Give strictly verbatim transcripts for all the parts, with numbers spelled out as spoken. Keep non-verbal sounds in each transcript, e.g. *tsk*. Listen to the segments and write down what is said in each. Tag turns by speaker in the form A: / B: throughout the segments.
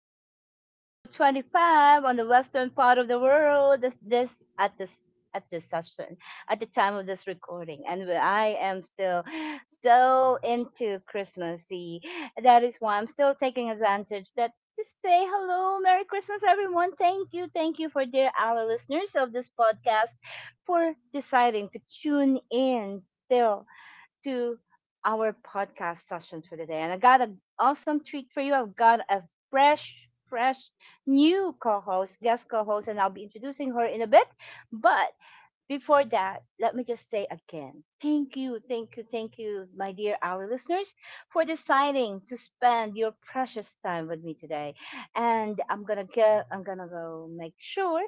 A: still is December twenty-fifth on the western part of the world. This, this at this at this session at the time of this recording, and where I am still so into Christmasy. That is why I'm still taking advantage that to say hello, Merry Christmas, everyone. Thank you, thank you for dear our listeners of this podcast for deciding to tune in. Still to our podcast session for today. And I got an awesome treat for you. I've got a fresh, fresh new co host, guest co host, and I'll be introducing her in a bit. But before that, let me just say again thank you, thank you, thank you, my dear our listeners, for deciding to spend your precious time with me today. And I'm gonna go, I'm gonna go make sure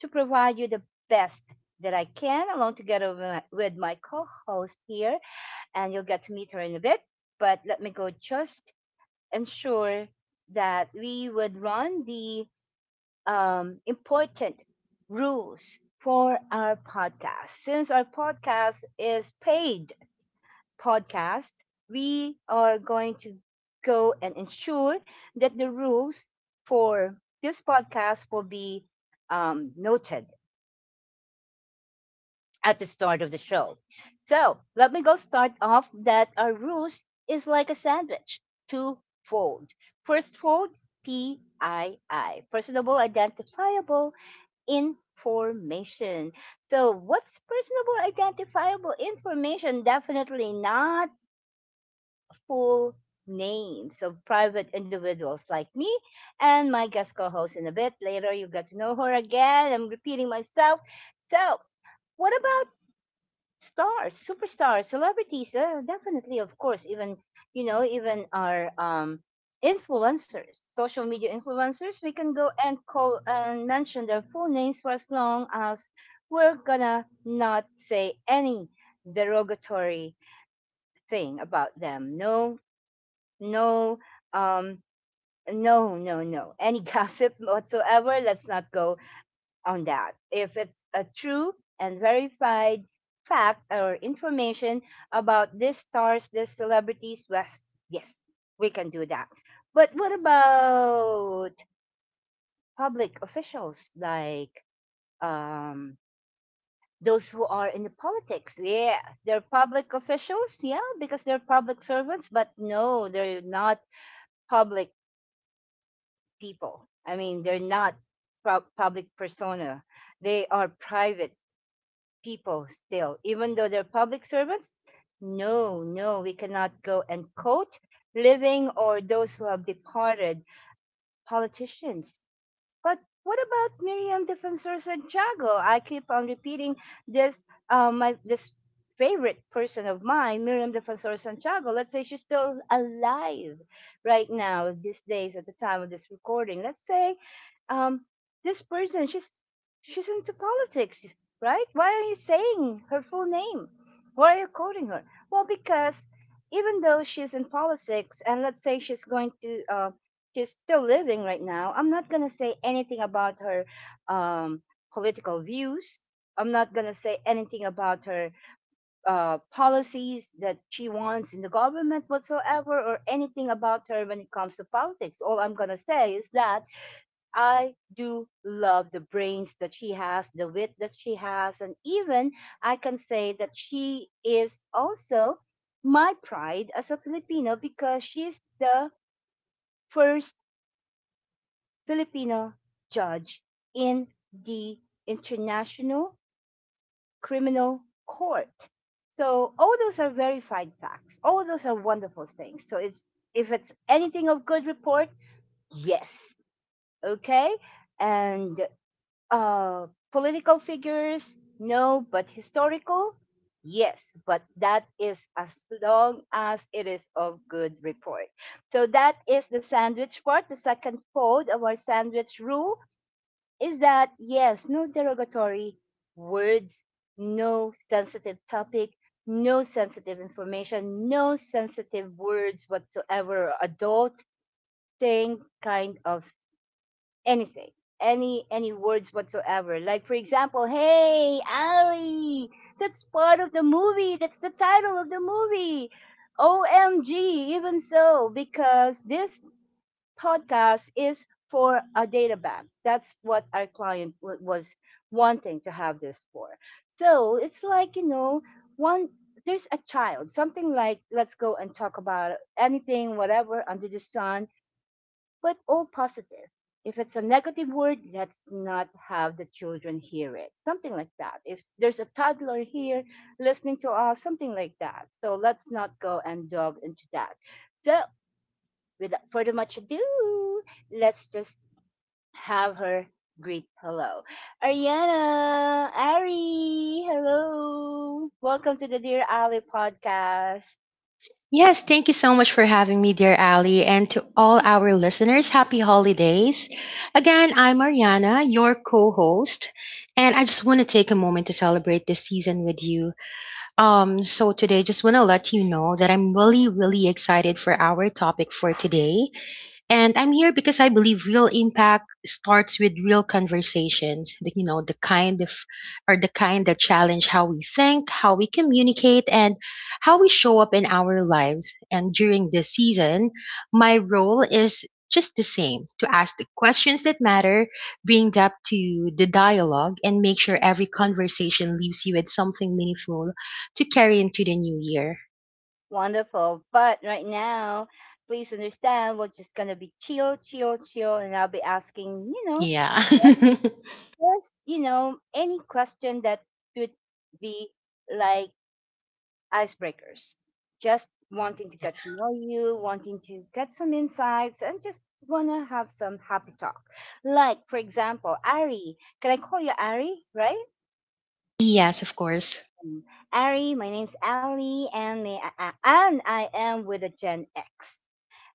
A: to provide you the best that I can along together with my, with my co-host here, and you'll get to meet her in a bit. But let me go just ensure that we would run the um, important rules for our podcast. Since our podcast is paid podcast, we are going to go and ensure that the rules for this podcast will be um, noted at the start of the show. So let me go start off that our rules is like a sandwich, two-fold. First fold, P I I, personable identifiable information. So what's personable identifiable information? Definitely not full names of private individuals like me and my guest co-host in a bit. Later, you get to know her again. I'm repeating myself. So, what about stars, superstars, celebrities, uh, definitely, of course, even you know, even our um, influencers, social media influencers, we can go and call and mention their full names for as long as we're gonna not say any derogatory thing about them. No, no, um, no, no, no, any *laughs* gossip whatsoever. Let's not go on that. If it's a true and verified fact or information about these stars, these celebrities, yes, yes, we can do that. But what about public officials like um, those who are in the politics? Yeah, they're public officials, yeah, because they're public servants, but no, they're not public people. I mean, they're not pub- public persona. They are private people still, even though they're public servants. No, no, we cannot go and quote living or those who have departed politicians, but what about Miriam Defensor Santiago? I keep on repeating this um, my this favorite person of mine, Miriam Defensor Santiago. Let's say she's still alive right now, these days at the time of this recording. Let's say um, this person she's she's into politics, right? Why are you saying her full name? Why are you quoting her? Well, because even though she's in politics, and let's say she's going to uh, she's still living right now. I'm not gonna say anything about her um, political views. I'm not gonna say anything about her uh, policies that she wants in the government whatsoever, or anything about her when it comes to politics. All I'm gonna say is that I do love the brains that she has, the wit that she has, and even I can say that she is also my pride as a Filipino because she's the first Filipino judge in the International Criminal Court. So all those are verified facts. All those are wonderful things. So it's if it's anything of good report, yes, okay. And uh, political figures, no, but historical, yes. But that is as long as it is of good report. So that is the sandwich part, the second fold of our sandwich rule is that yes, no derogatory words, no sensitive topic, no sensitive information, no sensitive words whatsoever, adult thing, kind of anything. Any any words whatsoever. Like for example, hey Ali, that's part of the movie. That's the title of the movie. O M G, even so, because this podcast is for a data bank. That's what our client w- was wanting to have this for. So it's like, you know, one there's a child, something like let's go and talk about anything, whatever under the sun, but all positive. If it's a negative word, let's not have the children hear it. Something like that. If there's a toddler here listening to us, something like that. So let's not go and delve into that. So without further much ado, let's just have her greet hello. Ariana, Ari, hello. Welcome to the Dear Ali podcast.
B: Yes, thank you so much for having me, dear Ali, and to all our listeners, happy holidays. Again, I'm Ariana, your co-host, and I just want to take a moment to celebrate this season with you. Um, so today, just want to let you know that I'm really, really excited for our topic for today. And I'm here because I believe real impact starts with real conversations. The, you know, the kind of, or the kind that challenge how we think, how we communicate, and how we show up in our lives. And during this season, my role is just the same to ask the questions that matter, bring depth to the dialogue, and make sure every conversation leaves you with something meaningful to carry into the new year.
A: Wonderful. But right now, please understand we're just going to be chill, chill, chill. And I'll be asking, you know,
B: Yeah.
A: just, you know, any question that could be like, icebreakers. Just wanting to get to know you, wanting to get some insights, and just want to have some happy talk. Like, for example, Ari. Can I call you Ari, right?
B: *laughs* Yes, of course.
A: Mm. Ari, my name's Ali, and, may I, I- and I am with a Gen X.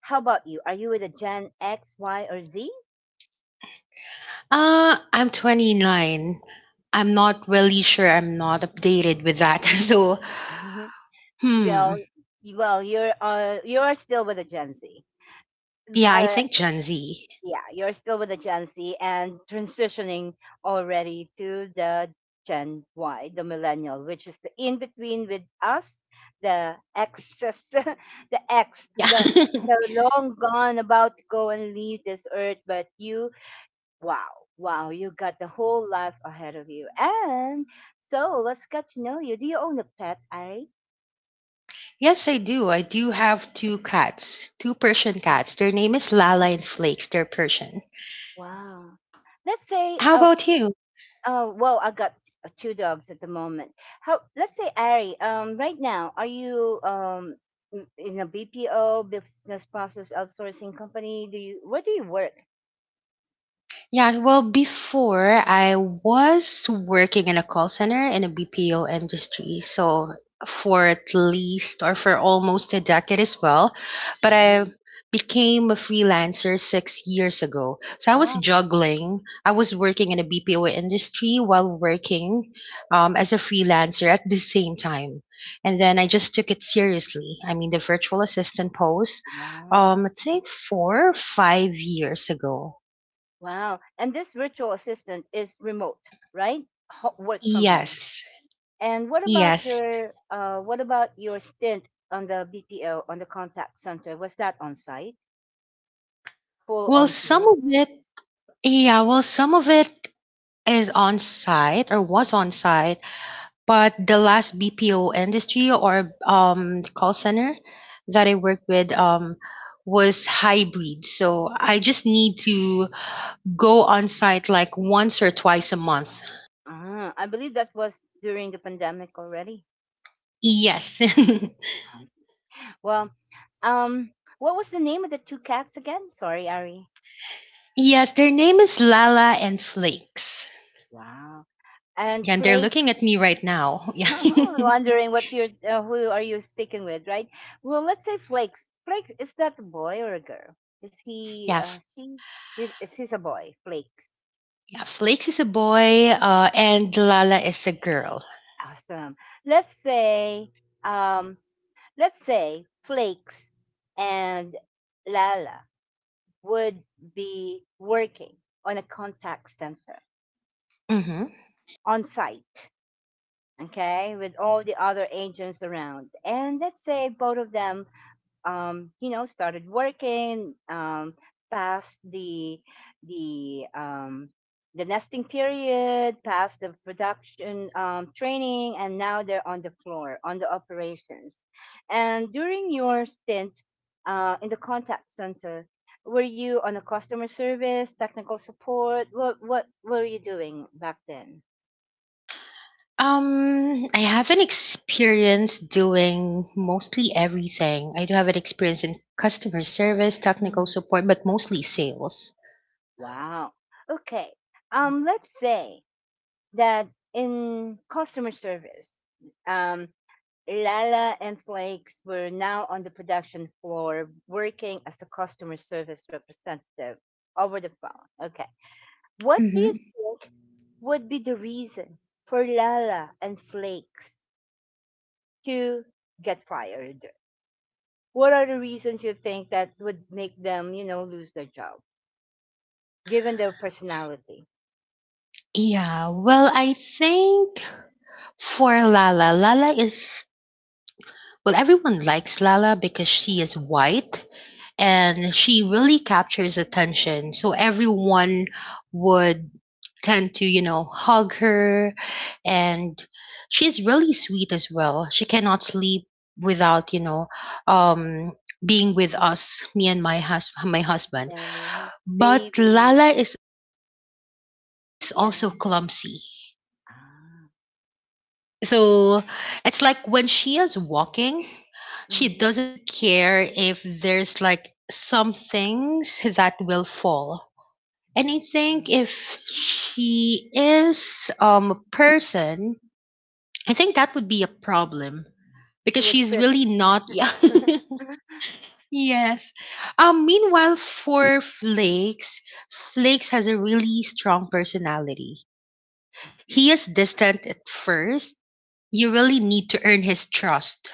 A: How about you? Are you with a Gen X, Y, or Z?
B: Uh, I'm twenty-nine. I'm not really sure. I'm not updated with that. *laughs* So,
A: *laughs*
B: hmm.
A: Well, y- well, you're uh, you're still with a Gen Z.
B: Yeah, I
A: Uh,
B: think Gen Z.
A: yeah, you're still with the Gen Z and transitioning already to the Gen Y, the millennial, which is the in between with us, the X's, *laughs* the X,
B: Yeah.
A: the the long gone, about to go and leave this earth. But you, wow, wow, you got the whole life ahead of you. And so let's get to know you. Do you own a pet, Ari?
B: *laughs* Yes, I do. I do have two cats, two Persian cats. Their name is Lala
A: Yeah.
B: and Flakes. They're Persian.
A: Wow. Let's say,
B: How
A: uh,
B: about you?
A: oh, well, I got uh, two dogs at the moment. How, let's say, Ari, um, right now, are you um in in a B P O, business process outsourcing company? Do you, where do you work?
B: Yeah, well, before I was working in a call center in a B P O industry. So for at least or for almost a decade as well. But I
A: Oh,
B: became a freelancer six years ago. So I was
A: wow,
B: juggling. I was working in a B P O industry while working um, as a freelancer at the same time. And then I just took it seriously. I mean, the virtual assistant post,
A: wow,
B: um, let's say four, or five years ago.
A: wow. And this virtual assistant is remote, right? Ho work from home.
B: Yes,
A: And what about
B: yes.
A: your, uh, what about your stint on the B P O, on the contact center? Was that on site? Full
B: Well,
A: on
B: some
A: site?
B: of it, yeah, well, some of it is on site or was on site, but the last B P O industry or um call center that I worked with um was hybrid. So I just need to go on site like once or twice a month.
A: Ah, I believe that was during the pandemic already.
B: Yes. *laughs*
A: Well, um, what was the name of the two cats again? Sorry, Ari.
B: Yes, their name is Lala and Flakes.
A: Wow. And
B: Yeah, and they're
A: Flake,
B: looking at me right now. *laughs* Yeah.
A: *laughs* wondering what you're, uh, who are you speaking with, right? Well, let's say Flakes. Flakes, is that a boy or a girl? Is he,
B: Yeah,
A: uh, he, is, is he's a boy? Flakes.
B: Yeah, Flakes is a boy, uh, and Lala is a girl.
A: Awesome. Let's say, um, let's say Flakes and Lala would be working on a contact center
B: Hmm.
A: on site, okay, with all the other agents around. And let's say both of them, um, you know, started working, um, past the the um, the nesting period, past the production um, training, and now they're on the floor on the operations. And during your stint uh, in the contact center. Were you on a customer service, technical support? What what were you doing back then?
B: Um, I have an experience doing mostly everything. I do have an experience in customer service, technical
A: Mhm.
B: support, but mostly sales.
A: Wow. Okay. Um, let's say that in customer service, um, Lala and Flakes were now on the production floor working as a customer service representative over the phone. Okay. What do you
B: Hmm.
A: think would be the reason for Lala and Flakes to get fired? What are the reasons you think that would make them, you know, lose their job, given their personality?
B: Yeah, well, I think for Lala, Lala is, well, everyone likes Lala because she is white and she really captures attention. So everyone would tend to, you know, hug her. And she's really sweet as well. She cannot sleep without, you know, um, being with us, me and my hus- my husband.
A: Nice
B: But
A: baby.
B: Lala is all, yeah, Lala is also
A: Yeah.
B: clumsy.
A: Ah.
B: So it's like when she is walking, she
A: Mhm.
B: doesn't care if there's like some things that will fall. And I think if she is um a person, I think that would be a problem
A: She
B: because
A: would
B: she's
A: trip.
B: really not. *laughs* Yeah,
A: *laughs*
B: yes. Um meanwhile, for flakes flakes has a really strong personality. He is distant at first. You really need to earn his trust.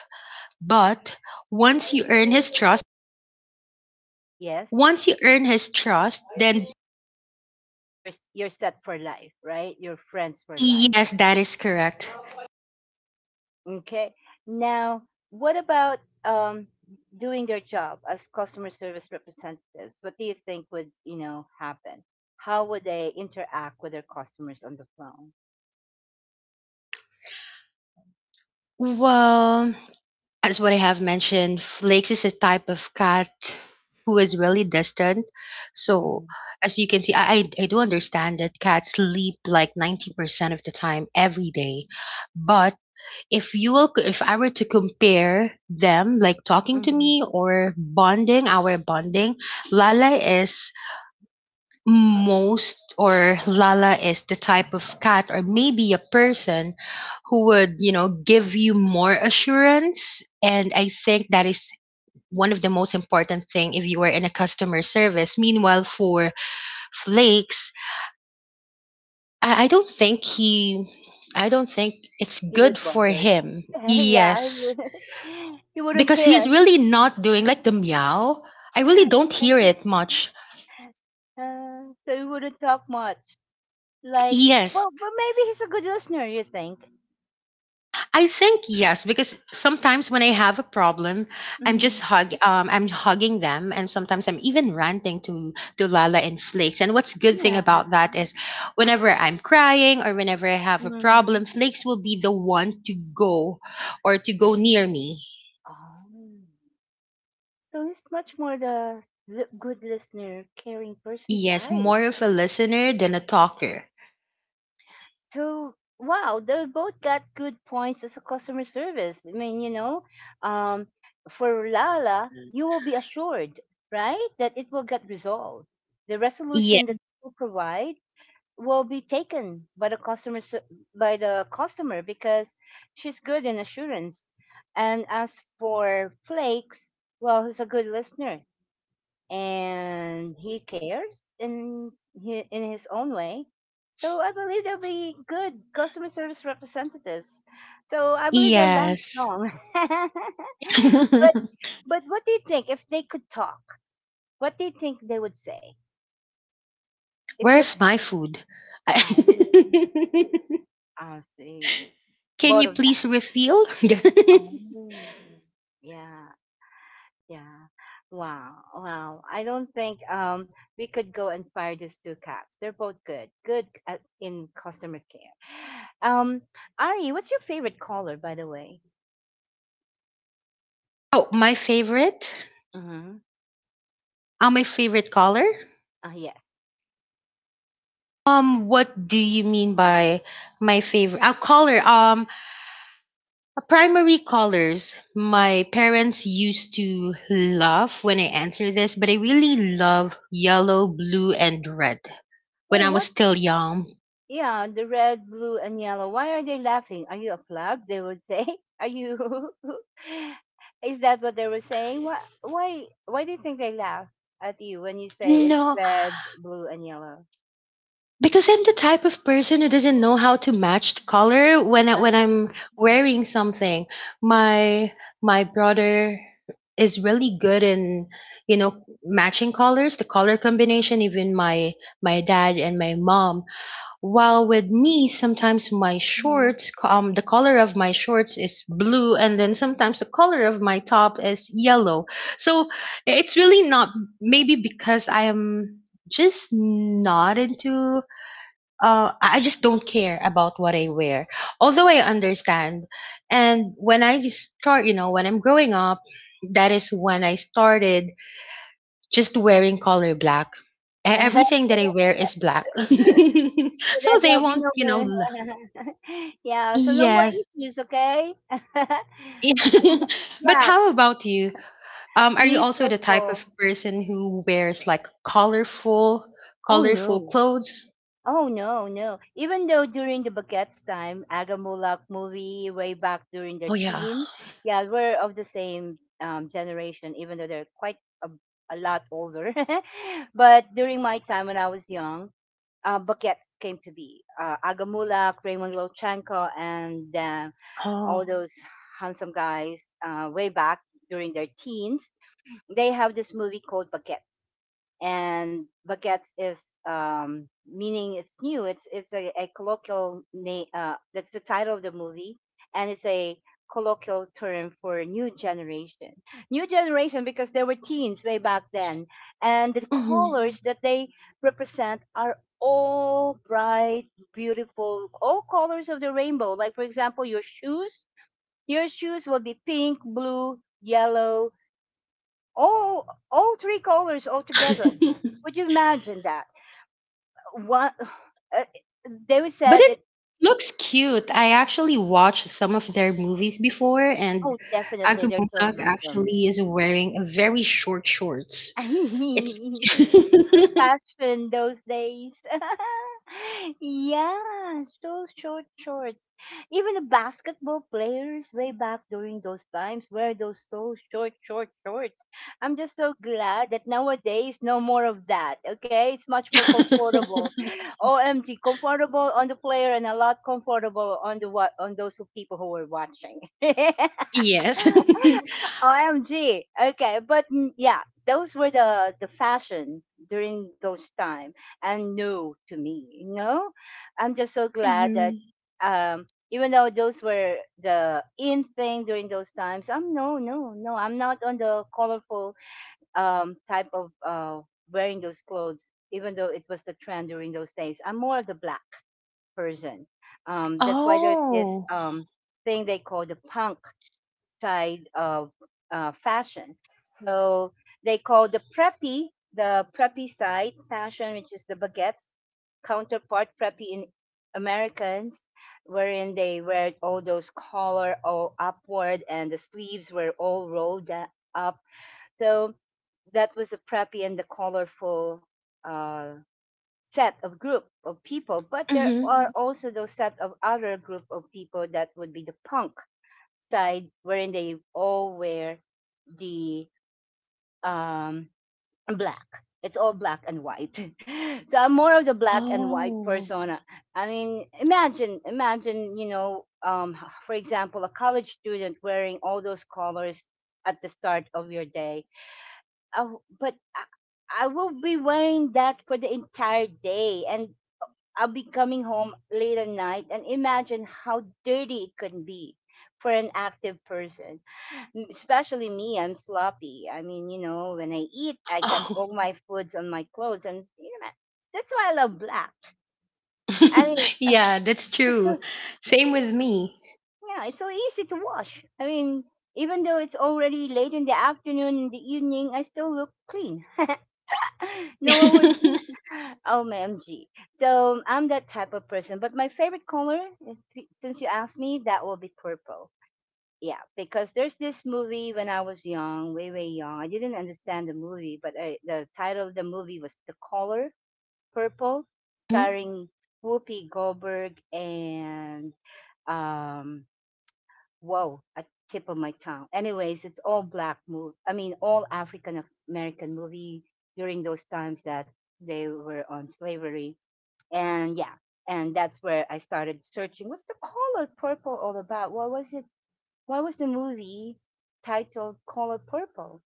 B: But once you earn his trust,
A: Yes.
B: once you earn his trust, then
A: You're s- you're set for life, right? You're friends for life.
B: yes, that is correct.
A: Okay. Now, what about um doing their job as customer service representatives? What do you think would, you know, happen? How would they interact with their customers on the phone?
B: Well, as what I have mentioned, Flakes is a type of cat who is really distant. So,
A: Mm-hmm.
B: as you can see, I, I, I do understand that cats sleep like ninety percent of the time every day. But if you will, if I were to compare them, like talking to
A: Mm-hmm.
B: me or bonding, our bonding, Lala is most or Lala is the type of cat or maybe a person who would, you know, give you more assurance. And I think that is one of the most important thing if you are in a customer service. Meanwhile, for Flakes, I, I don't think he, I don't think it's
A: He
B: good
A: would
B: for
A: bother.
B: him.
A: *laughs* Yeah, he
B: Yes,
A: would. *laughs* He wouldn't
B: because
A: care.
B: he's really not doing like the meow. I really don't hear it
A: *laughs*
B: much.
A: Uh, so he wouldn't talk much. Like,
B: Yes,
A: well, but maybe he's a good listener, you think?
B: I think yes, because sometimes when I have a problem, I'm
A: Mm.
B: just hug, um, I'm hugging them, and sometimes I'm even ranting to to Lala and Flakes. And what's good thing
A: Yeah.
B: about that is, whenever I'm crying or whenever I have a
A: Mm.
B: problem, Flakes will be the one to go, or to go near me.
A: Oh. So he's much more the li- good listener, caring person
B: Yes,
A: type.
B: more of a listener than a talker.
A: So wow, they both got good points as a customer service. I mean, you know, um, for Lala, you will be assured, right, that it will get resolved. The
B: Yeah,
A: resolution that you provide will be taken by the customer s- by the customer because she's good in assurance, and as for Flakes, well, he's a good listener and he cares in hi- in his own way. So I believe there'll be good customer service representatives, so I believe they'll last
B: yes.
A: long. *laughs* but
B: *laughs*
A: but what do you think if they could talk, what do you think they would say if you're
B: Where's my food?
A: oh
B: *laughs*
A: I see.
B: Can
A: Both
B: you
A: of them.
B: please refill? *laughs*
A: Oh, yeah, yeah. Wow, wow. I don't think um we could go and fire these two cats. They're both good, good at, in customer care. Um, Ari, what's your favorite color, by the way?
B: Oh, my favorite?
A: Mm-hmm.
B: Uh, my favorite color?
A: Uh, yes.
B: Um, what do you mean by my favorite? Uh, color, um, primary colors. My parents used to laugh when I answer this, but I really love yellow, blue, and red when
A: Oh,
B: I was
A: what?
B: still young.
A: Yeah, the red, blue, and yellow. Why are they laughing? Are you a flab? They would say. *laughs* Are you? *laughs* Is that what they were saying? Why? Why? Why do you think they laugh at you when you say it's
B: No,
A: red, blue, and yellow?
B: because I'm the type of person who doesn't know how to match the color when I, when
A: Ah.
B: I'm wearing something. My my brother is really good in you know matching colors, the color combination. Even my my dad and my mom. While with me, sometimes my
A: Mhm.
B: shorts co- um the color of my shorts is blue, and then sometimes the color of my top is yellow. So it's really not maybe because I am just not into uh, I I just don't care about what I wear. Although I understand, and when I start, you know, when I'm growing up, that is when I started just wearing color black. E- Everything that I wear is black, *laughs*
A: *laughs* So
B: so
A: that
B: they
A: there'll be
B: won't,
A: no
B: you know.
A: more
B: l-
A: *laughs* Yeah, so no more
B: Yes.
A: issues, okay? *laughs* Um,
B: *laughs* But
A: black,
B: how about you? Um, are
A: me
B: you also the type
A: purple.
B: of person who wears like colorful,
A: Oh
B: colorful
A: no.
B: clothes?
A: Oh no, no. Even though during the Baguette's time, Agamulak movie way back during their
B: Oh yeah.
A: teen, yeah, we're of the same um, generation, even though they're quite a, a lot older. *laughs* But during my time when I was young, uh, buckets came to be. Uh, Agamulak, Raymond Lochenko, and uh, all
B: Oh.
A: those handsome guys uh, way back during their teens, they have this movie called Bucket, and baguettes is um, meaning it's new. It's it's a, a colloquial name. Uh, that's the title of the movie, and it's a colloquial term for new generation. New generation because there were teens way back then, and the
B: Mhm.
A: colors that they represent are all bright, beautiful, all colors of the rainbow. Like for example, your shoes. Your shoes will be pink, blue, yellow, all all three colors all together.
B: *laughs*
A: Would you imagine that? One, *sighs* uh, they would
B: But
A: say
B: it
A: that.
B: looks cute. I actually watched some of their movies before, and
A: Oh, definitely, they're so
B: Agumunag
A: handsome.
B: actually is wearing a very short shorts.
A: *laughs*
B: It's
A: The
B: *laughs*
A: fashion those days. *laughs* Yeah, those short shorts. Even the basketball players way back during those times wear those so short, short shorts. I'm just so glad that nowadays no more of that. Okay, it's much more comfortable. O M G, comfortable on the player and a lot comfortable on the what on those who- people who were watching. *laughs*
B: yes. *laughs*
A: O M G. Okay, but mm, yeah, those were the the fashion during those time and new to me. You know, I'm just so glad that
B: Mhm.
A: um, even though those were the in thing during those times, I'm no, no, no. I'm not on the colorful um, type of uh, wearing those clothes. Even though it was the trend during those days, I'm more of the black person. Um, that's why there's this
B: Oh.
A: um, thing they call the punk side of uh, fashion. So they call the preppy, the preppy side fashion, which is the baguettes counterpart preppy in Americans, wherein they wear all those collar all upward and the sleeves were all rolled da- up. So that was a preppy and the colorful uh, set of group of people. But there
B: Hmm.
A: are also those set of other group of people that would be the punk side wherein they all wear the um black. It's all black and white. *laughs* So I'm more of the black and white
B: Oh.
A: persona. I mean, imagine, imagine, you know, um, for example, a college student wearing all those colors at the start of your day. Oh, but I, I will be wearing that for the entire day, and I'll be coming home late at night. And imagine how dirty it can be for an active person m- especially me, I'm sloppy. I mean, you know, when I eat, I got
B: Oh.
A: all my foods on my clothes, and you know, that's why I love black. I mean,
B: *laughs* Yeah, that's
A: it's so
B: true. Same with me.
A: Yeah, it's so easy to wash. I mean, even though it's already late in the afternoon, in the evening, I still look clean. *laughs* No one would. Be,
B: *laughs*
A: *laughs* oh my M G. So I'm that type of person. But my favorite color, if, since you asked me, that will be purple. Yeah, because there's this movie when I was young, way way young. I didn't understand the movie, but I, the title of the movie was The Color Purple,
B: Mhm.
A: starring Whoopi Goldberg and um whoa, a tip of my tongue. Anyways, it's all black movie. I mean, all African American movie during those times that they were on slavery, and yeah, and that's where I started searching. What's the color purple all about? What was it? Why was the movie titled Color Purple?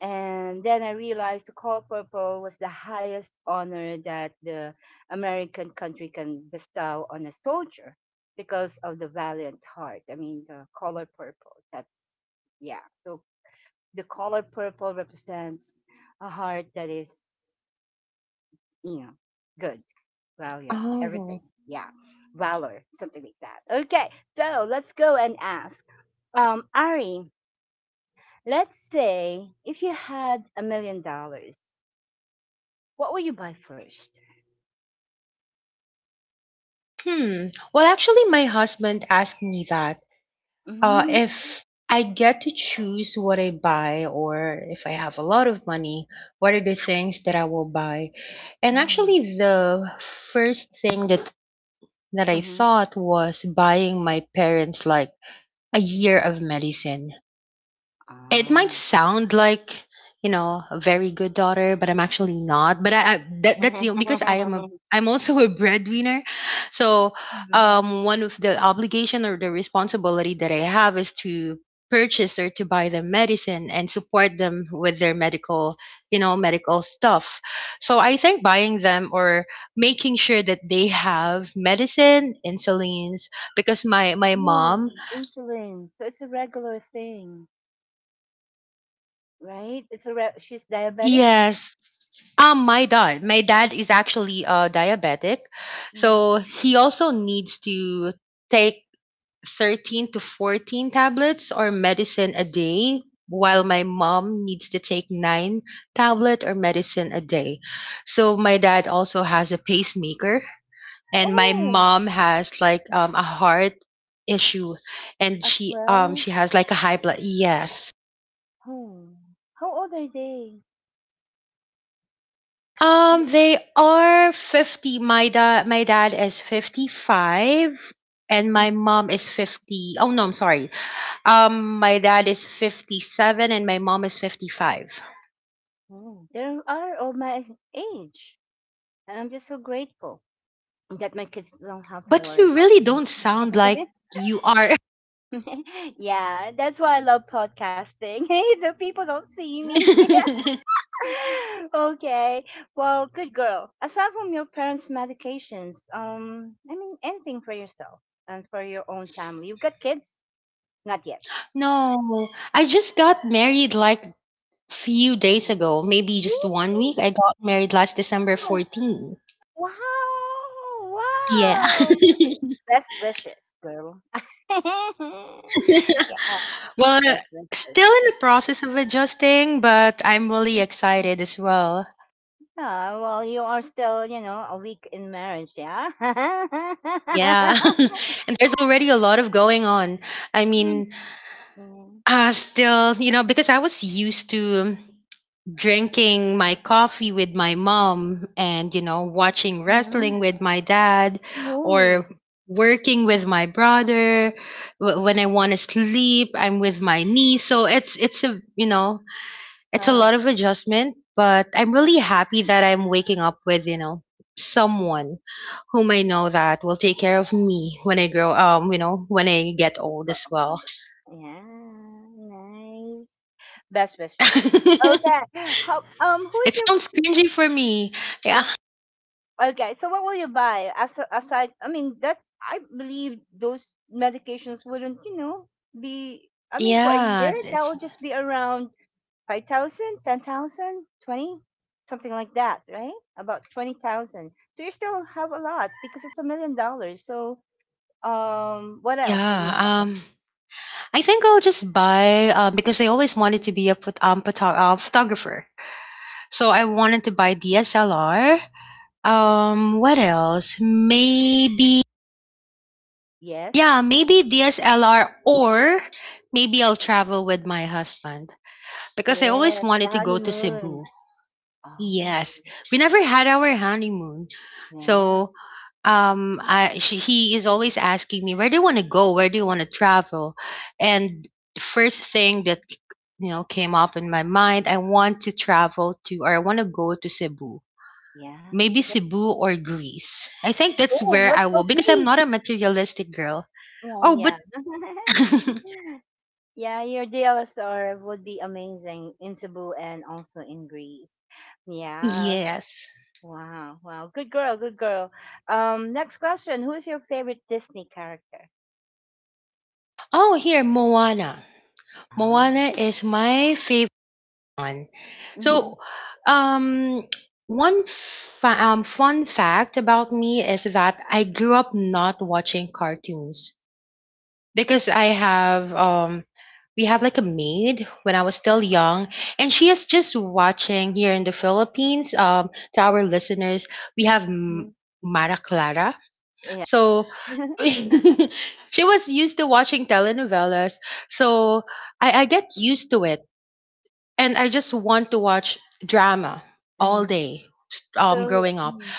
A: And then I realized the Color Purple was the highest honor that the American country can bestow on a soldier because of the valiant heart. I mean, the color purple. That's, yeah. So the color purple represents a heart that is, you know, good, valiant, everything.
B: Oh.
A: Yeah. Valor, something like that. Okay. So let's go and ask. Um, Ari, let's say if you had a million dollars, what would you buy first?
B: Hmm. Well, actually, my husband asked me that. Uh,
A: Mm-hmm.
B: if I get to choose what I buy, or if I have a lot of money, what are the things that I will buy? And actually, the first thing that that I
A: Mm-hmm.
B: thought was buying my parents like a year of medicine. It might
A: Ah.
B: sound like, you know, a very good daughter, but I'm actually not. But I, I that, that's the because I am a
A: *laughs*
B: I'm also a *laughs* breadwinner. So,
A: Mhm.
B: um, one of the obligation or the responsibility that I have is to purchase or to buy them medicine and support them with their medical, you know, medical stuff. So I think buying them or making sure that they have medicine, insulins, because my my
A: No,
B: mom,
A: insulin. So it's a regular thing, right? It's a re- she's diabetic.
B: yes, Um, my dad, my dad is actually uh diabetic,
A: Mm.
B: so he also needs to take thirteen to fourteen tablets or medicine a day, while
A: Wow.
B: my mom needs to take nine tablet or medicine a day. So my dad also has a pacemaker, and my
A: Oh,
B: mom has like um a heart issue, and
A: as
B: she um
A: well.
B: she has like a high blood. Yes,
A: Oh, how old are they? How-
B: Um, they are fifty. My dad my dad is fifty-five and my
A: Mm.
B: mom is fifty. Oh no, I'm sorry. Um, my dad is fifty-seven and my mom is fifty-five.
A: Oh, they are of my age, and I'm just so grateful that my kids don't have to
B: But
A: worry
B: you
A: about
B: really
A: me.
B: don't sound like
A: *laughs*
B: you are.
A: *laughs* Yeah, that's why I love podcasting. *laughs* Hey, the people don't see me.
B: *laughs*
A: *laughs* Okay. Well, good girl. Aside from your parents' medications, um, I mean, anything for yourself and for your own family. You've got kids? Not yet.
B: No, I just got married like few days
A: Ooh.
B: ago, maybe just one
A: Ooh,
B: week. I got married last December
A: wow.
B: fourteenth.
A: Wow.
B: Yeah.
A: Wow.
B: *laughs*
A: Best wishes, girl. *laughs*
B: *laughs*
A: Yeah,
B: Well,
A: best wishes.
B: still in the process of adjusting, but I'm really excited as well.
A: Yeah, well, you are still, you know, a week in marriage, yeah? *laughs*
B: Yeah. *laughs* And there's already a lot of going on. I
A: Mm.
B: mean, uh, still, you know, because I was used to drinking my coffee with my mom and, you know, watching
A: Mhm.
B: wrestling with my dad or
A: Ooh.
B: working with my brother. Wh- when I want to sleep, I'm with my niece, so it's it's a you know It's a
A: Uh,
B: lot of adjustment, but I'm really happy that
A: *laughs*
B: I'm waking up with, you know, someone whom I know that will take care of me when I grow um, you know, when I get old as well.
A: yeah, nice. Best
B: *laughs*
A: wishes.
B: It
A: Okay. How um who is your
B: sounds cringy for me. Yeah.
A: yeah. Okay, so what will you buy? As aside, I mean that I believe those medications wouldn't, you know, be. I mean for a
B: Yeah,
A: year that
B: it's
A: will just be around five thousand, ten thousand, twenty, something like that, right? About twenty thousand. So you still have a lot because it's a million dollars. So um what else will
B: yeah.
A: you buy?
B: Um, I think I'll just buy uh, because I always wanted to be a phot- um, photo- uh, photographer. So I wanted to buy D S L R. Um, what else? Maybe
A: Yes.
B: Yeah, maybe D S L R or maybe I'll travel with my husband because I always
A: Yes,
B: wanted
A: the
B: to go to Cebu.
A: honeymoon. Oh,
B: Yes. We never had our honeymoon.
A: yeah.
B: So um I she, he is always asking me, "Where do you want to go? Where do you want to travel?" And the first thing that you know came up in my mind, I want to travel to or I want to go to Cebu.
A: Yeah.
B: Maybe Cebu or Greece. I think that's
A: Oh,
B: where
A: let's
B: I will
A: go
B: because I'm
A: Greece.
B: not a materialistic girl.
A: Oh,
B: Oh, but
A: yeah.
B: *laughs*
A: *laughs* Yeah, your D L S R would be amazing in Cebu and also in Greece. Yeah.
B: Yes.
A: Wow, wow. Good girl, good girl. Um, next question. Who is your favorite Disney character?
B: Oh, here, Moana.
A: Ah.
B: Moana is my favorite one. So,
A: Mm-hmm.
B: um, one fa- um, fun fact about me is that I grew up not watching cartoons because I have um, we have like a maid when I was still young, and she is just watching here in the Philippines. Um, to our listeners, we have M-
A: Hmm.
B: Mara Clara.
A: Yeah.
B: So
A: *laughs*
B: *laughs* she was used to watching telenovelas. So I, I get used to it. And I just want to watch drama all
A: Mm.
B: day s- um,
A: So,
B: growing up.
A: mhm.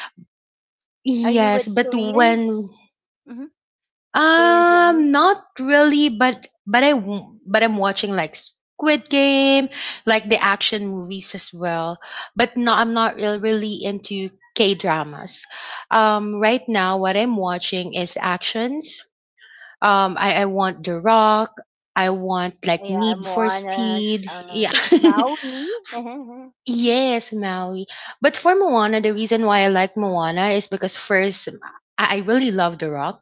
A: Are you with
B: Yes, but
A: Korean?
B: when
A: Hmm. Korean
B: um
A: dramas?
B: not really, but but I w- but I'm watching like Squid Game, like the action movies as well. But no, I'm not real really into K-dramas. Um right now what I'm watching is actions. Um, I, I want The Rock. I want like
A: Yeah,
B: Need for
A: Moana's,
B: Speed. Yeah.
A: um, Maui. *laughs*
B: *laughs* Yes, Maui. But for Moana, the reason why I like Moana is because, first, I I really love The Rock.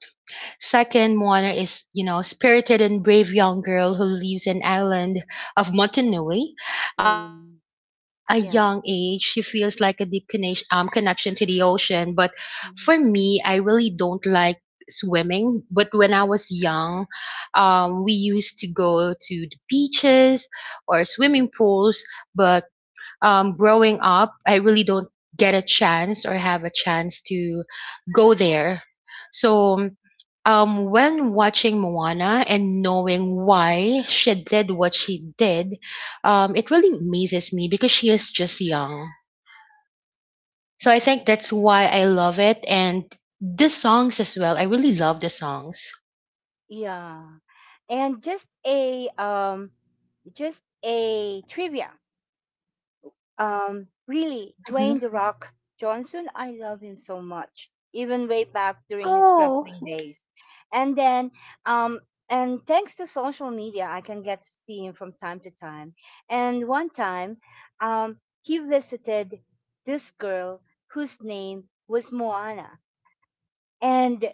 B: Second, Moana is, you know, spirited and brave young girl who leaves an island of Motunui. Um, and
A: um,
B: from a
A: yeah.
B: young age, she feels like a deep connection, um, connection to the ocean. But
A: Mhm.
B: for me, I really don't like swimming. But when I was young, um, we used to go to the beaches or swimming pools, but um, growing up, I really don't get a chance or have a chance to go there. So, um, when watching Moana and knowing why she did what she did, um, it really amazes me because she is just young. So I think that's why I love it, and the songs as well. I really love the songs.
A: Yeah. And just a um just a trivia. Um, really,
B: Hmm.
A: Dwayne The Rock Johnson, I love him so much, even way back during his
B: Oh.
A: wrestling days. And then, um, and thanks to social media, I can get to see him from time to time. And one time, um, he visited this girl whose name was Moana. And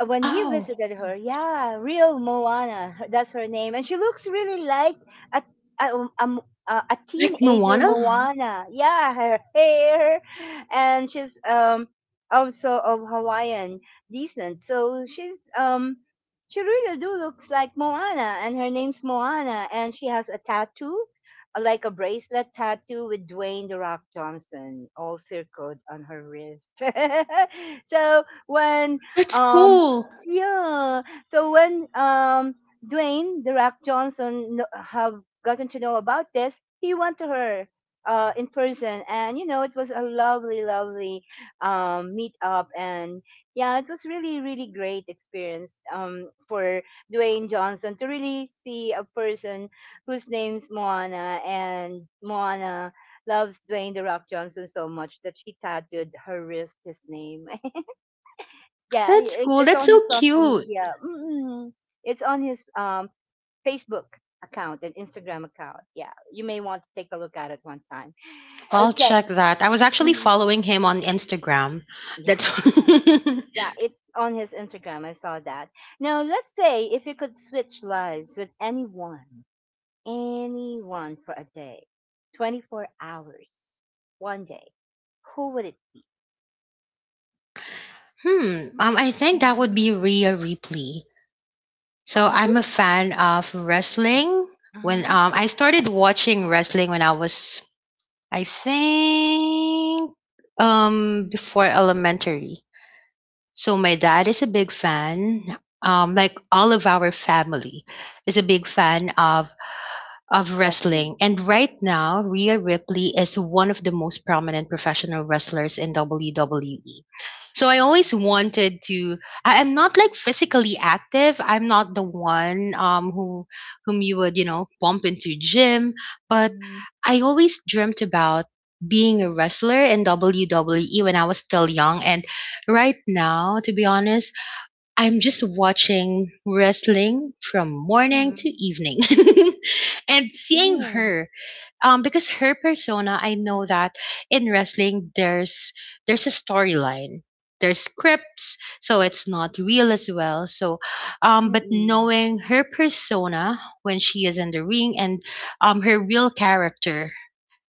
A: uh, when he
B: Oh,
A: visited her, yeah, real Moana, her- that's her name, and she looks really like a a, um, a, m- a- a
B: like
A: teenager hmm
B: Moana?
A: Moana. Yeah, her hair, and she's um also of Hawaiian descent, so she's um she really do looks like Moana, and her name's Moana, and she has a tattoo, uh, like a bracelet tattoo with Dwayne the Rock Johnson all circled on her wrist. *laughs* So when
B: That's
A: um
B: cool.
A: yeah. So when um Dwayne the Rock Johnson kn- have gotten to know about this, he went to her uh in person, and you know it was a lovely, lovely um meet up, and yeah, it was really, really great experience um for Dwayne Johnson to really see a person whose name's Moana, and Moana loves Dwayne the Rock Johnson so much that she tattooed her wrist his name. Yeah,
B: That's
A: it,
B: cool.
A: it's
B: That's
A: on his
B: so
A: social
B: cute.
A: media. Mm. It's on his um, Facebook account and Instagram account. Yeah, you may want to take a look at it one time.
B: I'll
A: Okay.
B: check that. I was actually
A: Mhm.
B: following him on Instagram. That's
A: Yeah,
B: *laughs* hmm.
A: yeah, it's on his Instagram. I saw that. Now, let's say if you could switch lives with anyone, anyone for a day, twenty-four hours, one day, who would it
B: Um, I
A: be?
B: think that would
A: Mhm.
B: be Rhea Ripley. So
A: Uh,
B: I'm a
A: who's
B: fan
A: mhm,
B: of wrestling. When
A: uh-huh.
B: um, I started watching wrestling when I was, I think, um, before elementary. So my dad is a big fan. Um, like all of our family is a big fan of of
A: Wrestling?
B: wrestling. And right now, Rhea Ripley is one of the most prominent professional wrestlers in W W E. So I always
A: Mm-hmm.
B: wanted to. I am not like physically active. I'm not the one um who whom you would, you know, bump into gym, but I always dreamt about being a wrestler in W W E when I was still young. And right now, to be honest, I'm just watching wrestling from morning
A: Mm-hmm,
B: to evening. *laughs* And seeing
A: mm-hmm.
B: her, um because her persona, I know that in wrestling there's there's a storyline. There's scripts, so it's not real as well. So um but
A: Mm.
B: knowing her persona when she is in the ring, and um her real character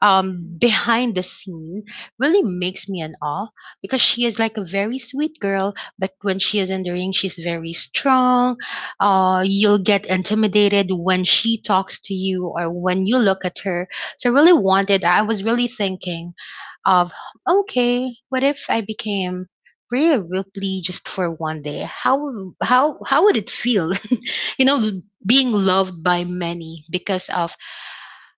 B: um
A: Mm.
B: behind the scene really makes me in awe, because she is like a very sweet girl, but when she is in the ring she's very strong. Uh, you'll get intimidated when she talks to you or when you look at her. So I really wanted, I was really thinking of, okay, what if I became Rhea Ripley just for one day? How how how would it feel, *laughs* you know, being loved by many because of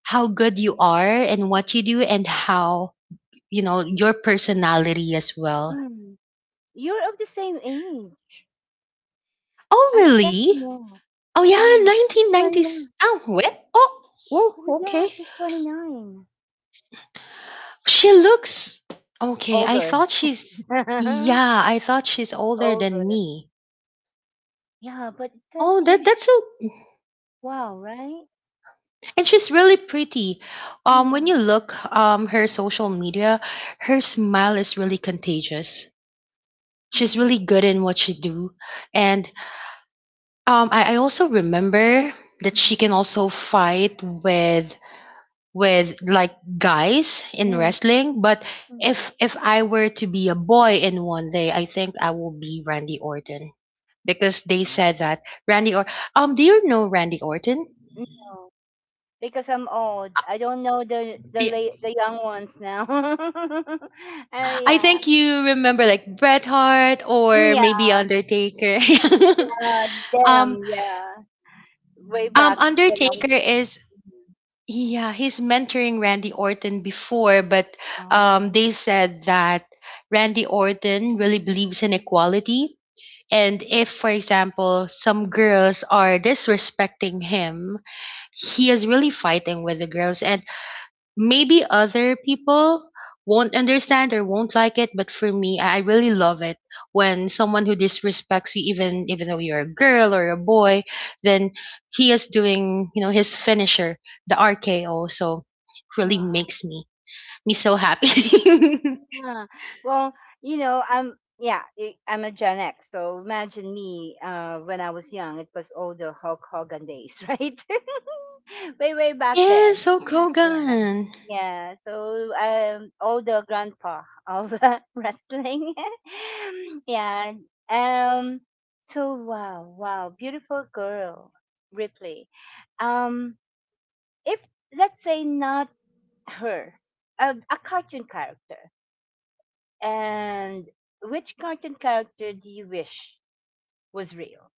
B: how good you are and what you do and how, you know, your personality as well.
A: Mm. You're of the same age.
B: Oh,
A: I checked
B: really?
A: him out.
B: Oh, yeah,
A: Yeah, she's
B: nineteen nineties.
A: twenty-nine.
B: Oh, what? Oh,
A: Oh,
B: oh,
A: yeah,
B: okay.
A: she's twenty-nine.
B: She looks okay. I
A: Older.
B: thought she's,
A: *laughs*
B: yeah, I thought she's older than
A: Older.
B: me.
A: Yeah, but it says
B: Oh,
A: here,
B: that
A: she,
B: that's so,
A: wow, right?
B: and she's really pretty. Um,
A: Yeah.
B: when you look um her social media, her smile is really contagious. She's
A: Mm.
B: really good in what she do, and Um, I, I also remember that she
A: Hmm.
B: can also fight with with like guys in
A: Mm.
B: wrestling. But
A: Mm.
B: if if I were to be a boy in one day, I think I will be Randy Orton, because they said that Randy or um, do you know Randy Orton?
A: No, because I'm old. I don't know the the
B: Yeah,
A: late, the young ones now. *laughs* uh,
B: I
A: yeah,
B: think you remember like Bret Hart or
A: yeah,
B: maybe Undertaker.
A: yeah,
B: *laughs*
A: them,
B: um,
A: yeah. Way
B: um,
A: back when I was.
B: Undertaker is, yeah, he's mentoring Randy Orton before, but
A: Oh.
B: um, they said that Randy Orton really believes in equality. And if, for example, some girls are disrespecting him, he is really fighting with the girls. And maybe other people won't understand or won't like it, but for me, i I really love it. When someone who disrespects you, even even though you're a girl or a boy, then he is doing, you know, his finisher, the RKO. So it really
A: Wow.
B: makes me me so happy.
A: Yeah. Well, you know, I'm yeah, I- I'm a Gen X. So imagine me uh when I was young, it was all the Hulk Hogan days, *laughs* right? *laughs* Way way
B: *laughs*
A: back
B: Yeah,
A: then.
B: so
A: Yeah.
B: Kogan.
A: Yeah. So um all the grandpa of *laughs* wrestling. *laughs* Yeah. Um, so wow, wow, beautiful girl, Ripley. Um, if let's say not her, a, a cartoon character. And which cartoon character do you wish was real?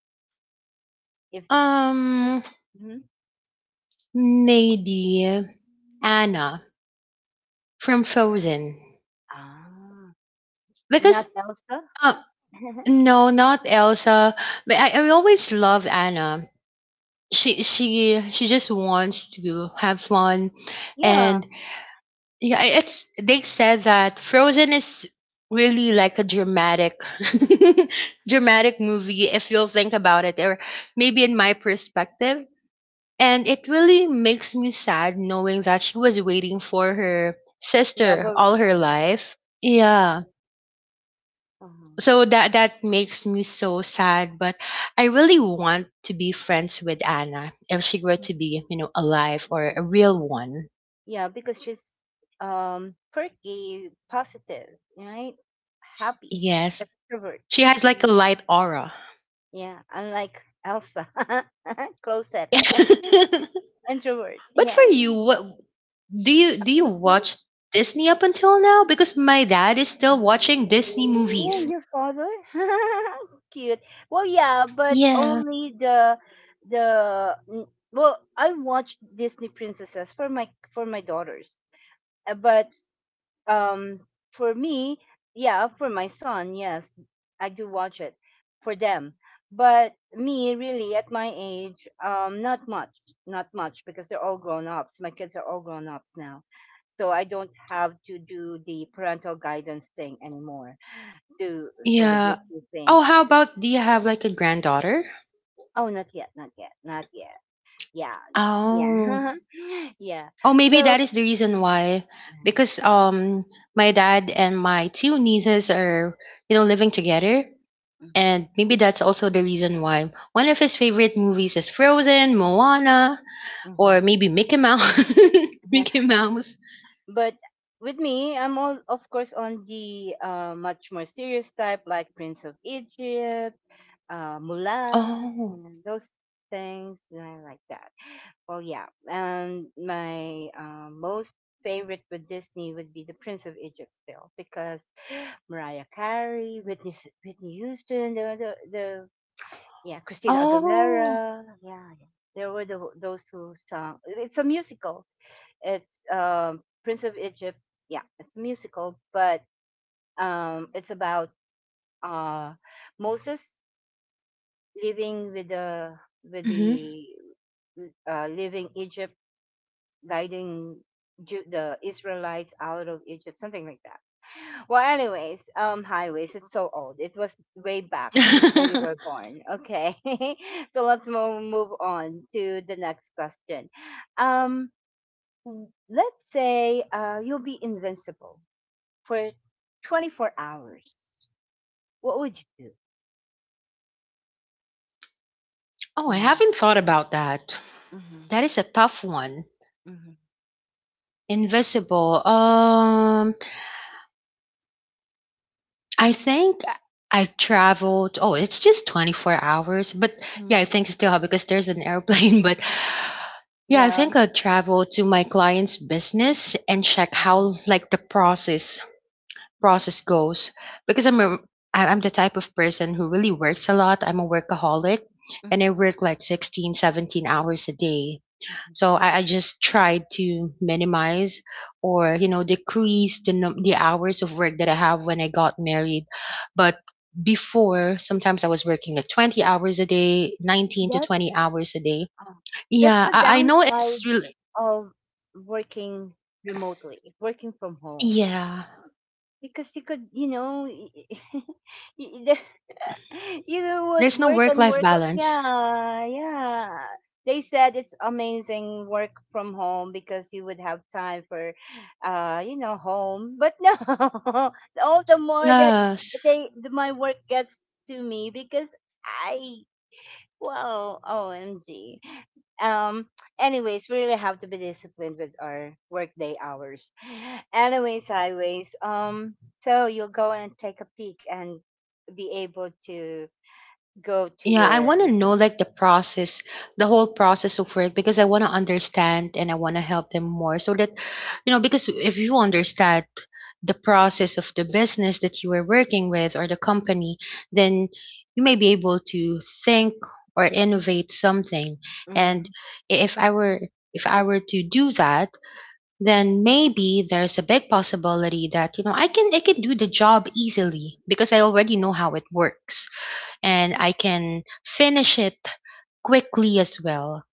A: If
B: um
A: mhm.
B: Maybe Anna from Frozen,
A: Ah, not
B: because
A: Elsa.
B: uh,
A: *laughs*
B: no, not Elsa, but I, I always love Anna. She she she just wants to have fun,
A: Yeah,
B: and yeah, i- it's, they said that Frozen is really like a dramatic *laughs* dramatic movie, if you'll think about it, or maybe in my perspective. And it really makes me sad knowing that she was waiting for her sister
A: lover.
B: all her
A: Um,
B: life, yeah.
A: mhm, uh-huh,
B: So that that makes me so sad, but I really want to be friends with Anna if she were to
A: mhm.
B: be, you know, alive or a real one.
A: Yeah, because she's um perky, positive, right? Happy,
B: Yes,
A: extrovert.
B: she has like a
A: Mm.
B: light aura.
A: Yeah, unlike Elsa, *laughs* closet,
B: *laughs*
A: *laughs*
B: But
A: introvert.
B: for
A: Yeah,
B: you, what do you,
A: a
B: do you
A: closet.
B: watch Disney up until now? Because my dad is still watching Disney
A: Oh,
B: movies,
A: your father? *laughs* Cute. Well, yeah, but
B: yeah,
A: only the the mm, well, I watched Disney princesses for my for my daughters. Uh, But um for me, yeah, for my son, yes, I do watch it for them. But me really at my age, um not much, not much because they're all grown-ups. My kids are all grown-ups now. So I don't have to do the parental guidance thing anymore do for the
B: yeah.
A: Disney thing?
B: Oh, how about, do you have like a granddaughter?
A: Oh, not yet, not yet, not yet. Yeah,
B: Oh.
A: yeah, *laughs* yeah.
B: Oh, maybe
A: So,
B: that is the reason why, because um, my dad and my two nieces are, you know, living together, and maybe that's also the reason why one of his favorite movies is Frozen, Moana,
A: mm-hmm.
B: or maybe Mickey Mouse. *laughs*
A: Yeah.
B: Mickey Mouse.
A: But with me, I'm all, of course, on the uh, much more serious type, like Prince of Egypt, uh, Mulan, you
B: Oh,
A: know, those things you know, like that. Well, yeah. And my uh, most favorite with Disney would be the Prince of Egypt still, because Mariah Carey, Whitney S- Whitney Houston, the the, the yeah Christina
B: oh.
A: Aguilera, yeah, yeah. There were the, those two songs. It's a musical. It's um, Prince of Egypt. Yeah, it's a musical, but um, it's about uh, Moses living with the with
B: Hmm.
A: the uh, living Egypt, guiding Ju- the Israelites out of Egypt, something like that. Well, anyways, um, highways. It's so old. It was way back
B: *laughs*
A: before you were born. Okay, *laughs* so let's move move on to the next question. Um, w- let's say uh, you'll be invincible for twenty four hours. What would you do?
B: Oh, I
A: Mm-hmm,
B: haven't thought about that.
A: mm-hmm,
B: That is a tough one. Invisible. Um, I think I traveled. Oh, it's just twenty-four hours. But yeah, I
A: mm-hmm,
B: think still because there's an airplane. *laughs* But yeah, I
A: yeah.
B: think I travel to my client's business and check
A: Mm-hmm,
B: how like the process process goes, because I'm a, I- I'm the type of person who really works a lot. I'm a workaholic, and I work like sixteen, seventeen hours a day.
A: mm-hmm.
B: So I, I just tried to minimize or, you know, decrease the, num- the hours of work that I have when I got married. But before, sometimes I was working like twenty hours a day, nineteen to twenty hours a day.
A: Uh, that's
B: Yeah,
A: the
B: I, I know it's
A: downside
B: really,
A: of working remotely, working from home,
B: yeah,
A: because you could, you know, *laughs* you the- you
B: there's
A: would
B: no
A: work
B: work
A: and
B: life
A: work. o-
B: balance.
A: Yeah, yeah. They said it's amazing work from home because you would have time for, uh, you know, home. But no, *laughs* all the more that
B: Yes.
A: they, the, my work gets to me because I well, O M G. Um, anyways, we really have to be disciplined with our workday hours. Anyways, highways. Um, so you'll go and take a peek and be able to go to
B: Yeah, I
A: your.
B: want to know like the process, the whole process of work, because I want to understand and I want to help them more, so that, you know, because if you understand the process of the business that you are working with or the company, then you may be able to think or innovate something. And
A: Mm,
B: i- if I were if I were to do that, then maybe there's a big possibility that, you know, I can I can do the job easily because I already know how it works, and I can finish it quickly as well.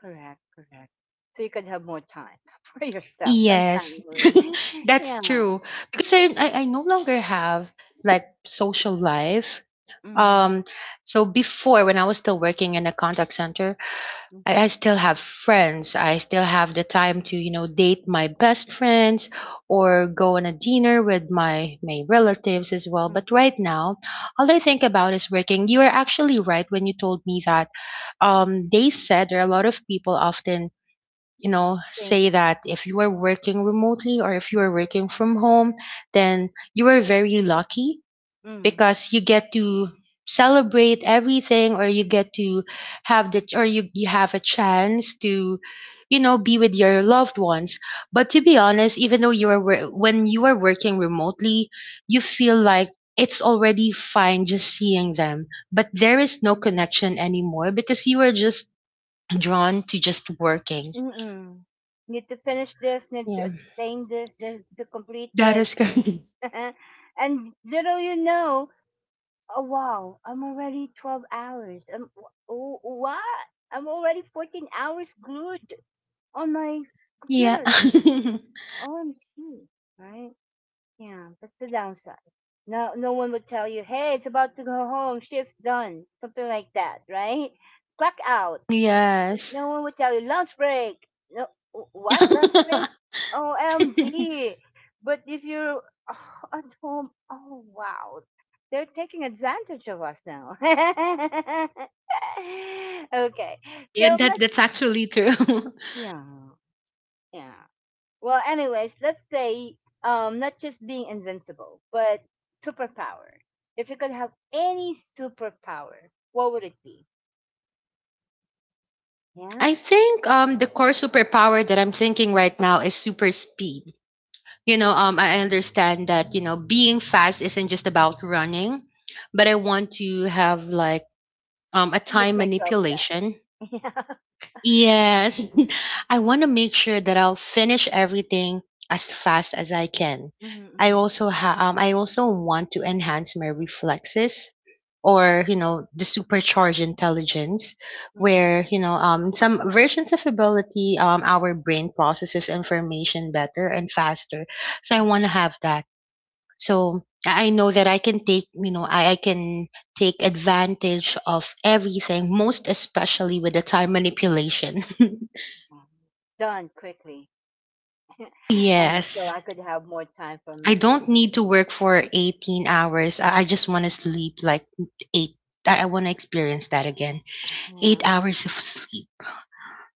A: correct, correct. So you could have more time *laughs* for yourself and
B: Yes,
A: family.
B: *laughs*
A: *laughs*
B: that's
A: Yeah.
B: true. Because I, I, I no longer have like social life.
A: Mm-hmm.
B: Um, so before when I was still working in a contact center,
A: Mm-hmm.
B: I, I still have friends. I still have the time to, you know, date my best friends or go on a dinner with my my relatives as well. But right
A: Mm-hmm.
B: now, all I think about is working. You are actually right when you told me that. Um, they said there are a lot of people often, you know,
A: Thank.
B: say that if you are working remotely or if you are working from home, then you are very lucky
A: Mm.
B: because you get to celebrate everything, or you get to have the or you, you have a chance to, you know, be with your loved ones. But to be honest, even though you are wor- when you are working remotely, you feel like it's already fine just seeing them, but there is no connection anymore because you are just drawn to just working.
A: Mm. Mm. Need to finish this, need
B: Yeah.
A: to attain this, then to complete
B: That
A: this.
B: is correct. *laughs*
A: to- *laughs* And little you know, oh wow, I'm already twelve hours. I'm, oh, what? I'm already fourteen hours glued on my
B: Yeah.
A: computer.
B: *laughs*
A: O M G, right? Yeah, that's the downside. No, no one would tell you, hey, it's about to go home, shift's done, something like that, right? Clock out,
B: Yes. *laughs*
A: no one would tell you lunch break. No, wh- what lunch
B: Yeah,
A: break? O M G! But if you're *sighs* oh, at home, oh wow, they're taking advantage of us now. *laughs* Okay, so
B: that
A: let's
B: that's actually true. *laughs*
A: yeah, yeah. Well, anyways, let's say um, not just being invincible, but superpower. If you could have any superpower, what would it be? Yeah.
B: I think um the core superpower that I'm thinking right now is super speed. You know, um I
A: Mhm.
B: understand that, you know, being fast isn't just about running, but I want to have like um a
A: Finish
B: time
A: my job down.
B: manipulation.
A: *laughs* Yeah.
B: Yes, *laughs* I want to make sure that I'll finish everything as fast as I can.
A: Mhm,
B: I
A: mhm.
B: also ha- um, I also want to enhance my reflexes or, you know, the supercharged intelligence
A: Mm, mm,
B: where, you know, um, some versions of ability, um, our brain processes information better and faster, so I
A: mm,
B: want to have that. So I I know that I can take, you know, I, I can take advantage of everything, most especially with the time manipulation.
A: mm. Done quickly, and so
B: *laughs* Yes.
A: I could have more time for
B: I
A: my
B: don't need to
A: family.
B: work for eighteen hours. I, I just want to sleep like eight. I, I want to experience that again. Eight
A: Yeah,
B: hours of sleep.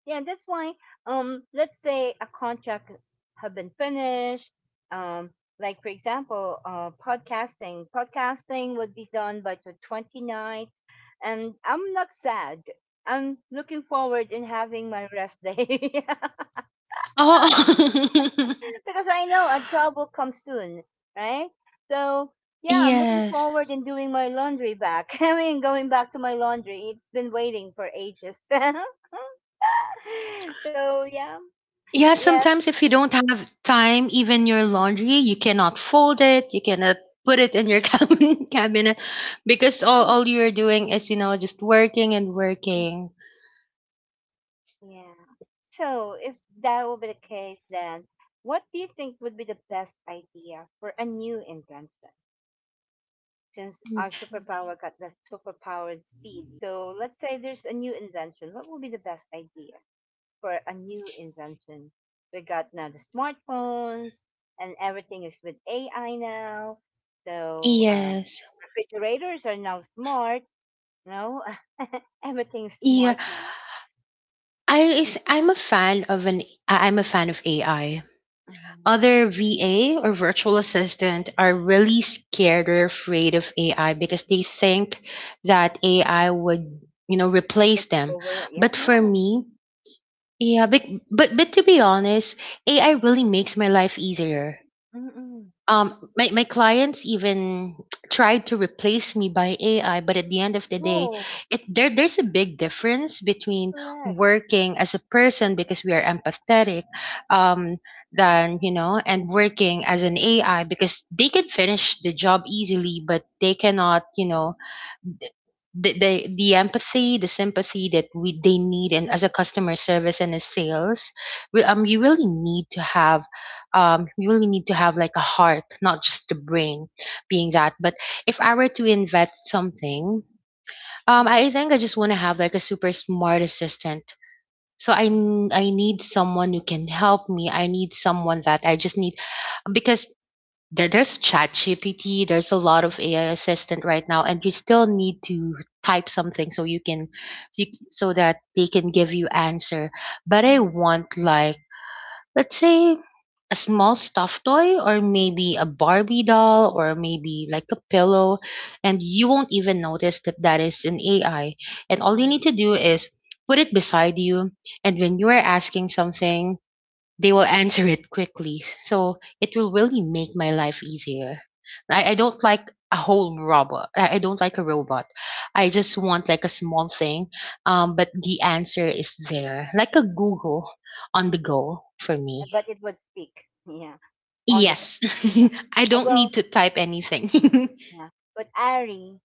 A: yeah. That's why, um, let's say a contract have been finished. Um, like for example, uh, podcasting. Podcasting would be done by the 29th, and I'm not sad. I'm looking forward in having my rest day. *laughs*
B: Oh. *laughs*
A: Because I know a job will come soon, right? So yeah, I'm looking
B: Yes.
A: forward in doing my laundry back. *laughs* I mean, going back to my laundry. It's been waiting for ages. *laughs* So yeah,
B: Yeah,
A: yeah,
B: sometimes if you don't have time, even your laundry, you cannot fold it, you cannot put it in your *laughs* cabin cabinet, because all, all you're doing is, you know, just working and
A: yeah,
B: working.
A: yeah. So if that will be the case, then what do you think would be the best idea for a new invention? Since our superpower got the superpowered speed, so let's say there's a new invention. What will be the best idea for a new invention? We got now the smartphones, and everything is with A I now. So um,
B: Yes.
A: refrigerators are now smart. No, *laughs* everything's
B: Yeah.
A: smart now.
B: I is I'm a fan of an I- I'm a fan of A I.
A: Mhm.
B: Other V A or virtual assistant are really scared or afraid of A I because they think that A I would, you know, replace
A: Take
B: them.
A: over. Yeah,
B: But for
A: no.
B: me, yeah, but but, but to be honest, A I really makes my life easier.
A: Mm-mm.
B: Um my, my clients even *tsk* tried to replace me by A I, but at the end of the day
A: Oh,
B: it there there's a big difference between
A: correct.
B: working as a person because we are empathetic um than you know and working as an A I because they can finish the job easily, but they cannot, you know, the, the the empathy, the sympathy that we they need, and as a customer service and as sales, we, um, you
A: Mhm.
B: really need to have, um, you really need to have like a heart, not just the brain, being that. But if I were to invest something, um,
A: Mhm.
B: I think I just want to have like a super smart assistant. So I n- I need someone who can help me. I need someone that I just need. Because there, there's ChatGPT, there's a lot of
A: Mhm.
B: A I assistant right now, and you still need to type something so you can so, you, so that they can give you answer. But I
A: Mhm.
B: want, like, let's say a small stuffed toy, or maybe a Barbie doll, or maybe like a pillow, and you won't even notice that that is an A I. And all you need
A: Mhm.
B: to do is put it beside you, and when you
A: Mhm.
B: are asking something, they will answer it quickly. So it will
A: Mhm.
B: really make my life easier. I, I don't like a whole robot. I, I don't like a robot. I just want like a small thing. Um, but the answer is there, like a Google on the go
A: Mhm.
B: for me.
A: But it would speak. Yeah, on the go.
B: Yes, *laughs*
A: Yeah.
B: I
A: Uh,
B: don't
A: Well,
B: need to type anything.
A: yeah. But Ari,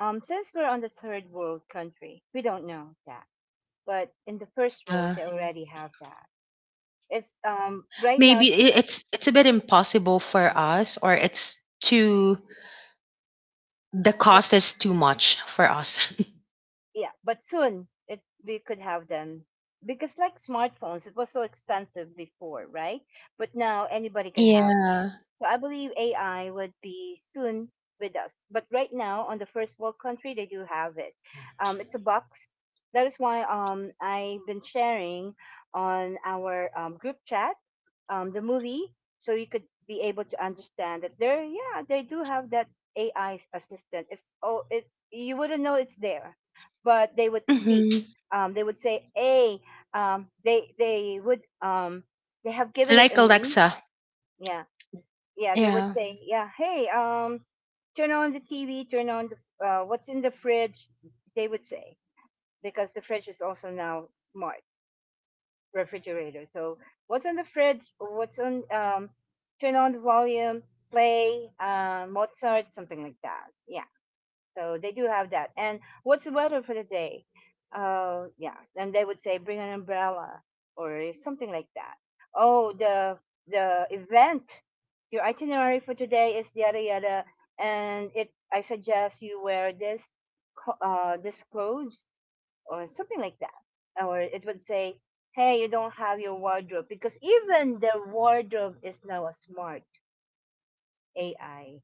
A: Um, since we're on the third world country, we don't know that. But in the first
B: *laughs* uh,
A: world, they already have that. It's um right now.
B: Maybe
A: It's
B: i- it's it's a bit impossible for us, or it's too, the cost is too much for us.
A: yeah, but soon it we could have them, because like smartphones, it was so expensive before, right? But now anybody
B: *laughs*
A: can have it.
B: Yeah.
A: So I believe AI would be soon with us. But right now, on the first world country, they do have it. Um, it's a box. That is why um, I've been sharing on our um, group chat um, the movie, so you could be able to understand that there, yeah, they do have that AI assistant. It's oh, it's you wouldn't know it's there, but they would speak.
B: Hmm.
A: Um, they would say, "Hey," um, they they would um, they have given it
B: Like
A: a name.
B: Alexa.
A: Yeah, yeah. They would
B: Yeah.
A: say, "Yeah, hey, um, turn on the T V, turn on the uh, what's in the fridge." They would say, because the fridge is also now smart refrigerator. So what's on the fridge? What's on? Um, turn on the volume, play uh, Mozart, something like that. Yeah. So they do have that. And what's the weather for the day? Uh, yeah. And they would say bring an umbrella or something like that. Oh, the the event, your itinerary for today is yada yada, and it. I suggest you wear this, co- uh, this clothes or something like that. Or it would say, hey, you don't have your wardrobe, because even the wardrobe is now a smart A I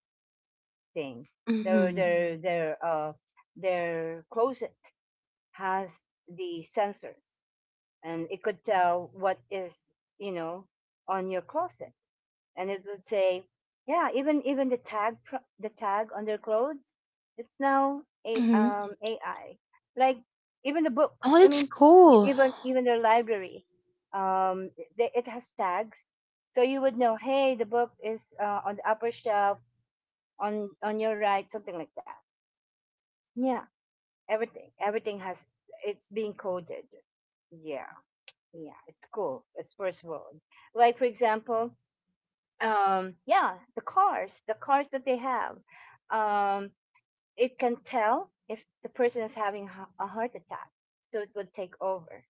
A: thing. Their
B: Mhm.
A: their their uh their closet has the sensors, and it could tell what is, you know, on your closet, and it would say, yeah, even even the tag pro- the tag on their clothes, it's now a
B: Mhm.
A: um A I. Like even the books.
B: Oh,
A: I
B: that's
A: mean, e-
B: cool.
A: even even their library, um, they, it has tags, so you would know, hey, the book is uh, on the upper shelf on on your right, something like that. Yeah, everything, everything has it's being coded. Yeah, yeah, it's cool. It's first world. Like for example, um, yeah, the cars, the cars that they have, um, it can tell if the person is having ha- a heart attack, so it would take over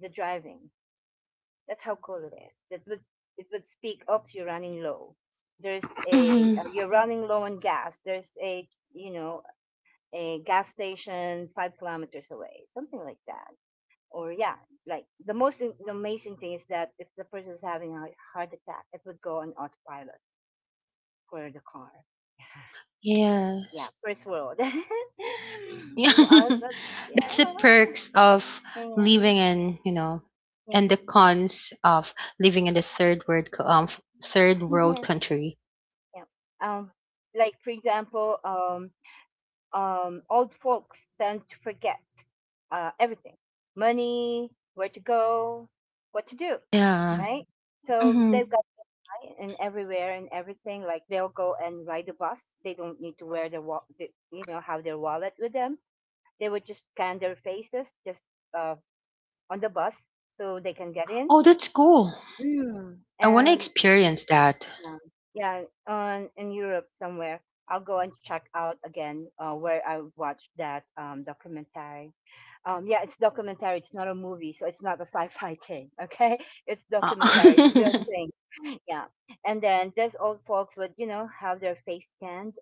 A: the driving. That's how cool it is. That would it would speak. Oops, you're running low. There's a
B: Mhm.
A: uh, you're running low on gas. There's a, you know, a gas station five kilometers away, something like that. Or yeah, like the most the amazing thing is that if the person is having a heart attack, it would go on autopilot for the car. *laughs*
B: Yeah.
A: Yeah,
B: *laughs*
A: first world. *laughs*
B: Yeah,
A: It was- yeah,
B: that's the perks of
A: yeah,
B: living in, you know, and
A: yeah.
B: the cons of living in the third world co- um third world
A: *laughs*
B: country.
A: Yeah. Um, like for example, um, um, old folks tend to forget uh, everything, money, where to go, what to do. Mhm.
B: Yeah.
A: Right? So they've
B: Mhm.
A: got and everywhere and everything. Like they'll go and ride the bus. They don't need to wear their wa- the, you know, have their wallet with them. They would just scan their faces just uh, on the bus so they can get
B: Oh,
A: in.
B: that's cool.
A: Yeah.
B: I want to
A: And
B: experience that.
A: yeah, yeah, on in Europe somewhere. I'll go and check out again uh, where I watched that um, documentary. Um, yeah, it's documentary. It's not a movie, so it's not a sci-fi thing. Okay, *laughs* it's
B: Uh,
A: documentary. It's real
B: *laughs*
A: thing. *laughs* Yeah, and then these old folks would, you know, have their face scanned,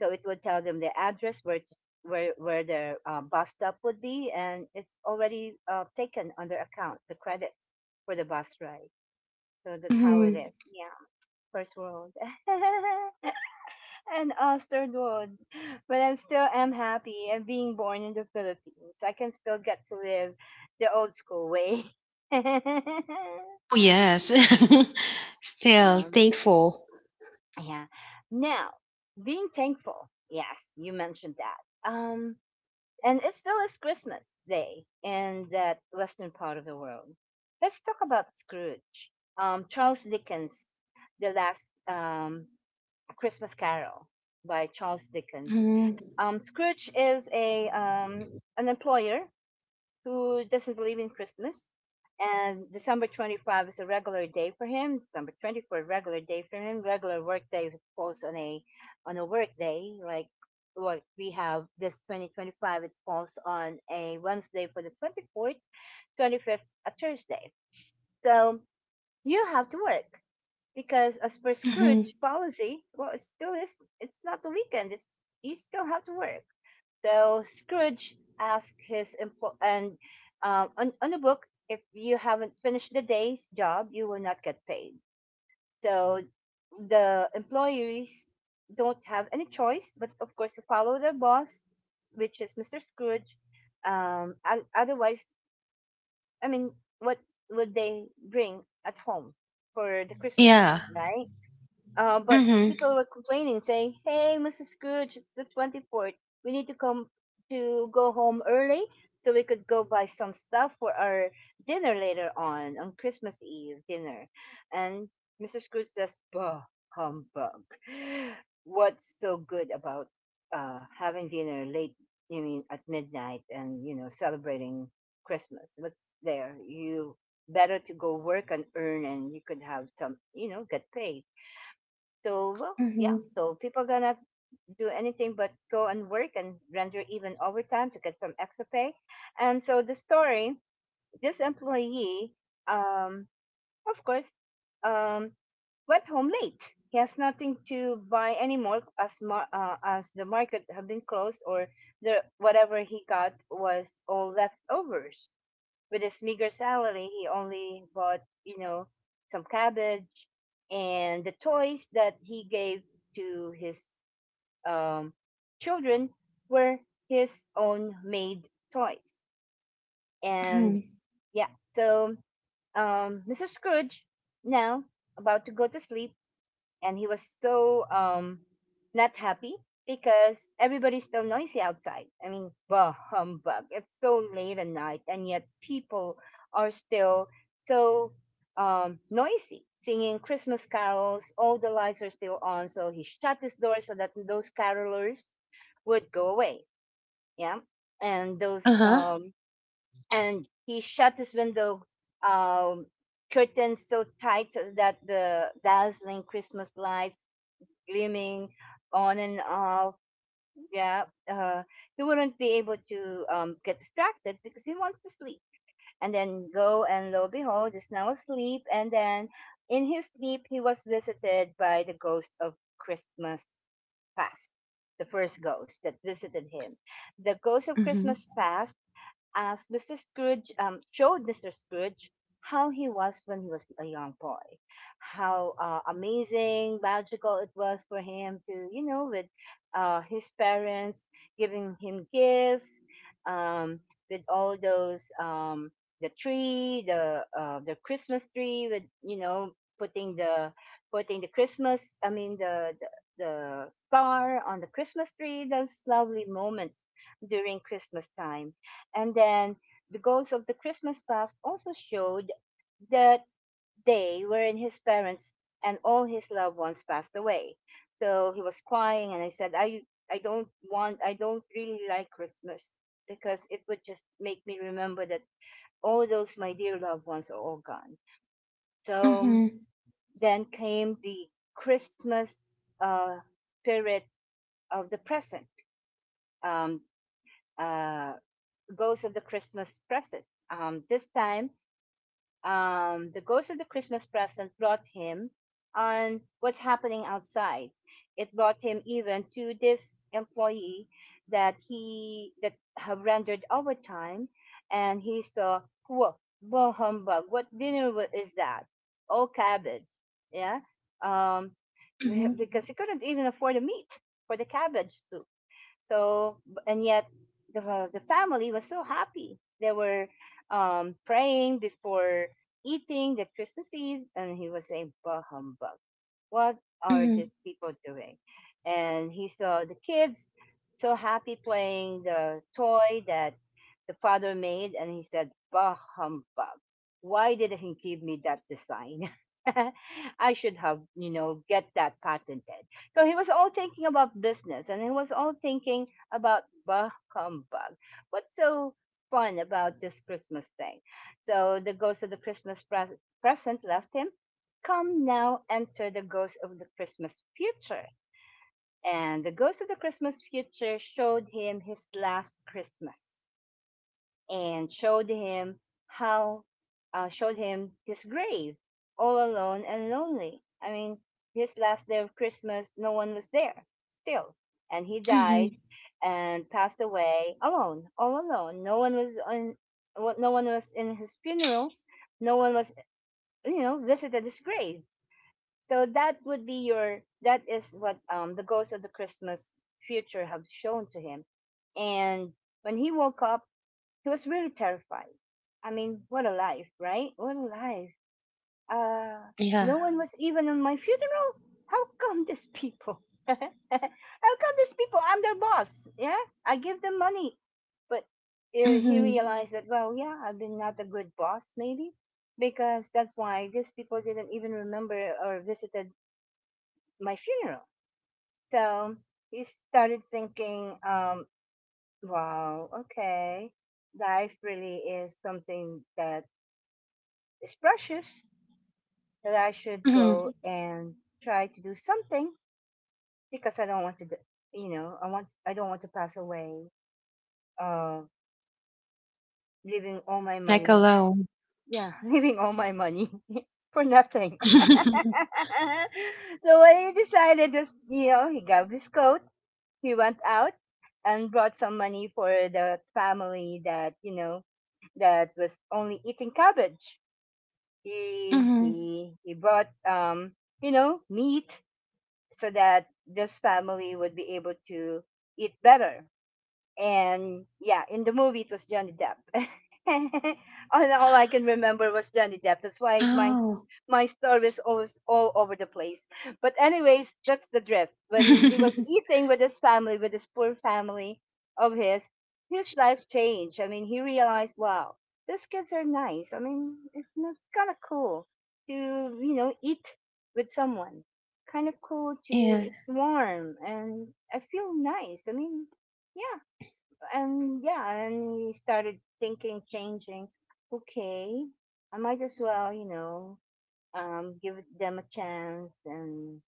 A: so it would tell them the address where to, where where their uh, bus stop would be, and it's already uh, taken on their account, the credits for the bus ride. So that's how it
B: mhm.
A: is. Yeah, first world. *laughs* An Astrid would. But I'm still am happy and being born in the Philippines. I can still get to live the old school way. *laughs* um,
B: Oh, yes. *laughs* Still thankful.
A: yeah. Now, being thankful. Yes, you mentioned that. Um, and it still is Christmas Day in that western part of the world. Let's talk about Scrooge. Um, Charles Dickens, the last um, Christmas Carol by Charles Dickens.
B: Mhm.
A: Um, Scrooge is a um, an employer who doesn't believe in Christmas, and December twenty-fifth is a regular day for him. December twenty fourth regular day for him. Regular work day falls on a on a work day like what we have this twenty twenty-five, it falls on a Wednesday for the twenty-fourth, twenty-fifth a Thursday. So you have to work because as per
B: Mhm.
A: Scrooge policy, well it still is it's not the weekend. It's you still have to work. So Scrooge asked his employee, and um, on, on the book, if you haven't finished the day's job, you will not get paid. So the employees don't have any choice, but of course, to follow their boss, which is Mister Scrooge. Um, and otherwise, I mean, what would they bring at home for the Christmas
B: Yeah.
A: Eve, right? Uh, but
B: Mhm.
A: people were complaining, saying, "Hey, Missus Scrooge, it's the twenty-fourth. We need to come to go home early so we could go buy some stuff for our dinner later on on Christmas Eve dinner." And Mister Scrooge says, "Bah, humbug! *sighs* What's so good about uh, having dinner late? You mean at midnight and you know celebrating Christmas? What's there? You." Better to go work and earn, and you could have some, you know, get paid, so well, yeah.
B: Mhm.
A: So people gonna do anything but go and work and render even overtime to get some extra pay. And so the story, this employee, um, of course, um, went home late. He has nothing to buy anymore as mar- uh, as the market have been closed or the whatever he got was all leftovers. With his meager salary, he only bought, you know, some cabbage, and the toys that he gave to his um, children were his own made toys. And
B: Mhm.
A: yeah, so um, mister Scrooge, now about to go to sleep, and he was so um not happy because everybody's still noisy outside. I mean, *laughs* bah humbug! It's so late at night, and yet people are still so um noisy, singing Christmas carols. All the lights are still on, so he shut his door so that those carolers would go away. Yeah, and those
B: Uh-huh.
A: um and he shut his window um curtains so tight so that the dazzling Christmas lights gleaming on and off. Yeah, uh, he wouldn't be able to um, get distracted because he wants to sleep. And then lo and lo behold, he's now asleep. And then in his sleep, he was visited by the ghost of Christmas past, the first ghost that visited him. The ghost of
B: Mhm.
A: Christmas past, as mister Scrooge um, showed mister Scrooge how he was when he was a young boy, how uh, amazing, magical it was for him to, you know, with uh, his parents giving him gifts, um, with all those um, the tree, the uh, the Christmas tree, with, you know, putting the putting the Christmas, I mean the the, the star on the Christmas tree. Those lovely moments during Christmas time. And then the ghosts of the Christmas past also showed the day wherein his parents and all his loved ones passed away. So he was crying, and I said, I, I don't want, I don't really like Christmas because it would just make me remember that all those my dear loved ones are all gone. So
B: Mhm.
A: then came the Christmas uh, spirit of the present, um, uh, ghost of the Christmas present. Um, this time um, the ghost of the Christmas present brought him on what's happening outside. It brought him even to this employee that he that have rendered overtime, and he saw, whoa, whoa humbug! What dinner is that? Oh, cabbage, yeah. Um, *laughs*
B: Mhm.
A: because he couldn't even afford the meat for the cabbage soup. So, b- and yet the uh, the family was so happy. They were um, praying before eating the Christmas Eve, and he was saying, "Bah humbug! What are
B: Mhm.
A: these people doing?" And he saw the kids so happy playing the toy that the father made, and he said, bah humbug. Why did he give me that design? *laughs* I should have, you know, get that patented. So he was all thinking about business, and he was all thinking about bah humbug. What's so fun about this Christmas thing? So the ghost of the Christmas pres- present left him. Come now, enter the ghost of the Christmas future. And the ghost of the Christmas future showed him his last Christmas, and showed him how uh, showed him his grave, all alone and lonely. I mean, his last day of Christmas, no one was there still, and he
B: Mhm.
A: died and passed away alone, all alone. No one was on, well, no one was in his funeral. No one was, you know, visited his grave. So that would be your. That is what um, the ghost of the Christmas future have shown to him. And when he woke up, he was really terrified. I mean, what a life, right? What a life. Uh,
B: Yeah.
A: no one was even on my funeral. How come these people? *laughs* How come these people? I'm their boss. Yeah, I give them money. But uh, he
B: Mhm.
A: realized that, well, yeah, I've been not a good boss, maybe, because that's why these people didn't even remember or visited my funeral. So he started thinking, um, wow, okay, life really is something that. It's precious that I should
B: Mhm.
A: go and try to do something because I don't want to, d- you know, I want I don't want to pass away, uh, leaving all my
B: Like
A: money.
B: alone.
A: Yeah, *laughs* leaving all my money *laughs* for nothing. *laughs*
B: *laughs*
A: So what he decided was, you know, he grabbed his coat, he went out and brought some money for the family that, you know, that was only eating cabbage. He
B: Mhm.
A: he he brought um you know meat so that this family would be able to eat better. And yeah, in the movie it was Johnny Depp. *laughs* all, all I can remember was Johnny Depp. That's why my
B: Oh.
A: my story is always all over the place. But anyways, that's the drift. When he was
B: *laughs*
A: eating with his family, with his poor family of his, his life changed. I mean, he realized, wow, these kids are nice. I mean, it's, it's kind of cool to you know eat with someone. Kind of cool to,
B: Yeah.
A: it's warm, and I feel nice. I mean, yeah, and yeah, and we started thinking, changing. Okay, I might as well, you know, um, give them a chance. And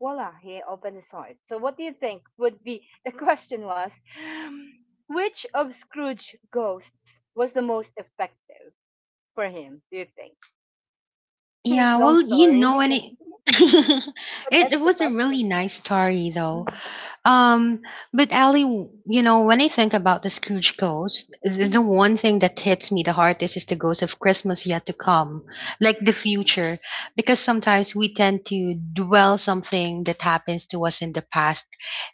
A: voila, he opened his heart. So, what do you think would be, *laughs* the question was, which of Scrooge ghosts was the most effective for him? Do you think? *laughs*
B: Yeah.
A: Long
B: Well, you know,
A: story, *laughs*
B: and
A: but
B: it *laughs*
A: but
B: it,
A: that's
B: it
A: the
B: was a really
A: question.
B: nice story, though.
A: Mhm.
B: Um, but Ali, w- you know, when I think about the Scrooge ghost, th- the
A: Mhm.
B: one thing that hits me the hardest is the ghost of Christmas yet to come, like the
A: Mhm.
B: future, because sometimes we tend to dwell something that happens to us in the past,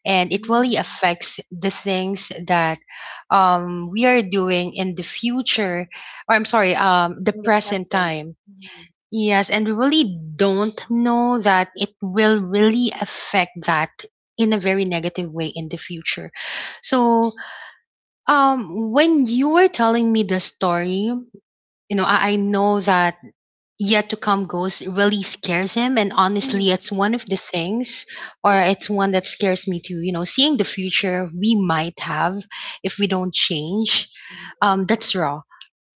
B: and it really affects the things that um we are doing in the future, or I'm sorry, um, the
A: In the
B: present
A: present.
B: time. Yes, and we really don't know that it will really affect that in a very negative way in the future. So, um, when you were telling me the story, you know, I, I know that yet to come ghost really scares him, and
A: Mhm.
B: honestly, it's one of the things, or it's one that scares me too. You know, seeing the future we might have if we don't change, um, that's raw,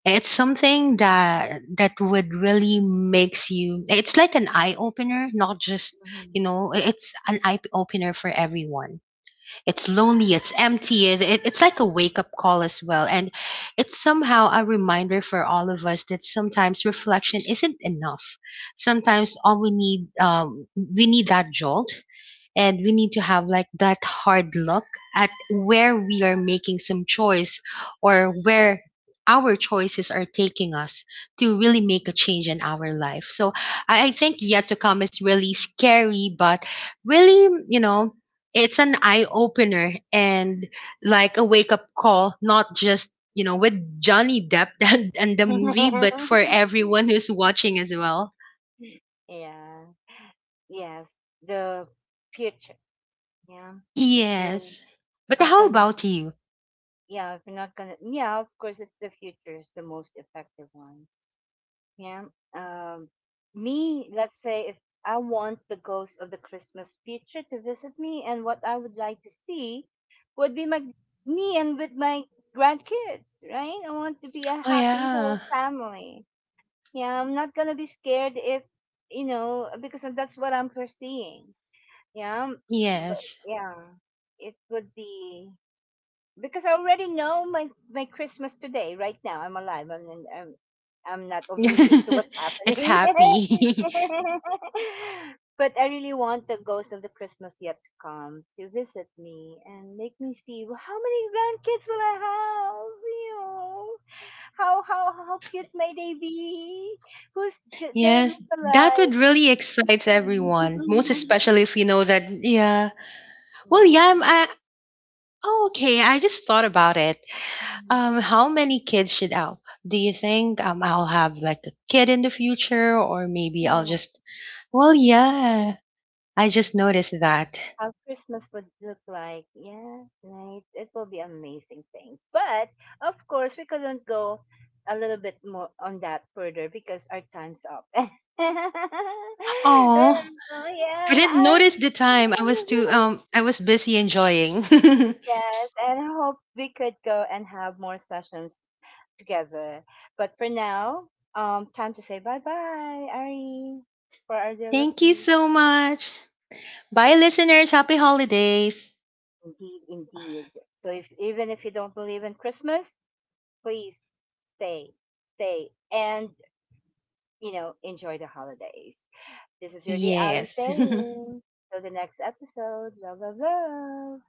B: it's something that that would really makes you, it's like an eye opener, not just, you know, i- it's an eye opener for everyone. It's lonely, it's empty, it, it- it's like a wake up call as well. And it's somehow a reminder for all of us that sometimes reflection isn't enough. Sometimes all we need, um we need that jolt, and we need to have like that hard look at where we are making some choice, or where our choices are taking us, to really make a change in our life. So I I think yet to come is really scary, but really, you know, it's an eye opener and like a wake up call, not just, you know, with Johnny Depp *laughs* and, and the movie, but for
A: *laughs*
B: everyone who's watching as well.
A: Yeah. Yes, the future. Yeah, if we're
B: Yes. But
A: not
B: how
A: gonna,
B: about you?
A: yeah, if we're not gonna, yeah, of course, it's the future is the most effective one. Yeah. Um, me, let's say, if I want the ghost of the Christmas future to visit me, and what I would like to see would be my me and with my grandkids, right? I want to be a
B: Oh
A: happy whole
B: yeah.
A: family. Yeah, I'm not gonna be scared, if you know, because that's what I'm foreseeing. Yeah, but
B: Yes.
A: yeah, it would be because I already know my my Christmas today. Right now, I'm alive, and and I'm, I'm not oblivious to what's
B: *laughs* It's
A: happening. *laughs*
B: happy.
A: But I really want the ghost of the Christmas yet to come to visit me and make me see, "Well, how many grandkids will I have. You know, how how how cute may they be? Who's g-
B: *laughs*
A: their
B: Yes, that
A: lookalike?
B: would
A: *laughs*
B: really excite everyone, most especially if you know that. Yeah. Well, yeah, I'm, I oh, okay, I just thought about it.
A: Mm.
B: Um, how many kids should I, do you think, um I'll have like a kid in the future, or maybe I'll
A: Yeah,
B: just. Well, yeah. I
A: mm.
B: just noticed that.
A: How Christmas would look like. Yeah, right. It will be amazing thing. But of course, we couldn't go a little bit more on that further because our time's up. *laughs*
B: Oh,
A: And, oh,
B: I
A: yeah,
B: didn't notice
A: I
B: the time. I was too, um
A: *laughs*
B: I was busy enjoying.
A: yes, and I hope we could go and have more sessions together. But for now, um, time to say bye bye, Ari, for our
B: *laughs*
A: dear
B: Thank you
A: listeners.
B: so much. Bye, listeners. Happy holidays.
A: Indeed, indeed. So if even if you don't believe in Christmas, please stay, stay, and you know enjoy the holidays. This is your dear Ali
B: Yes. *laughs*
A: saying. Till the next episode. Love, love, love.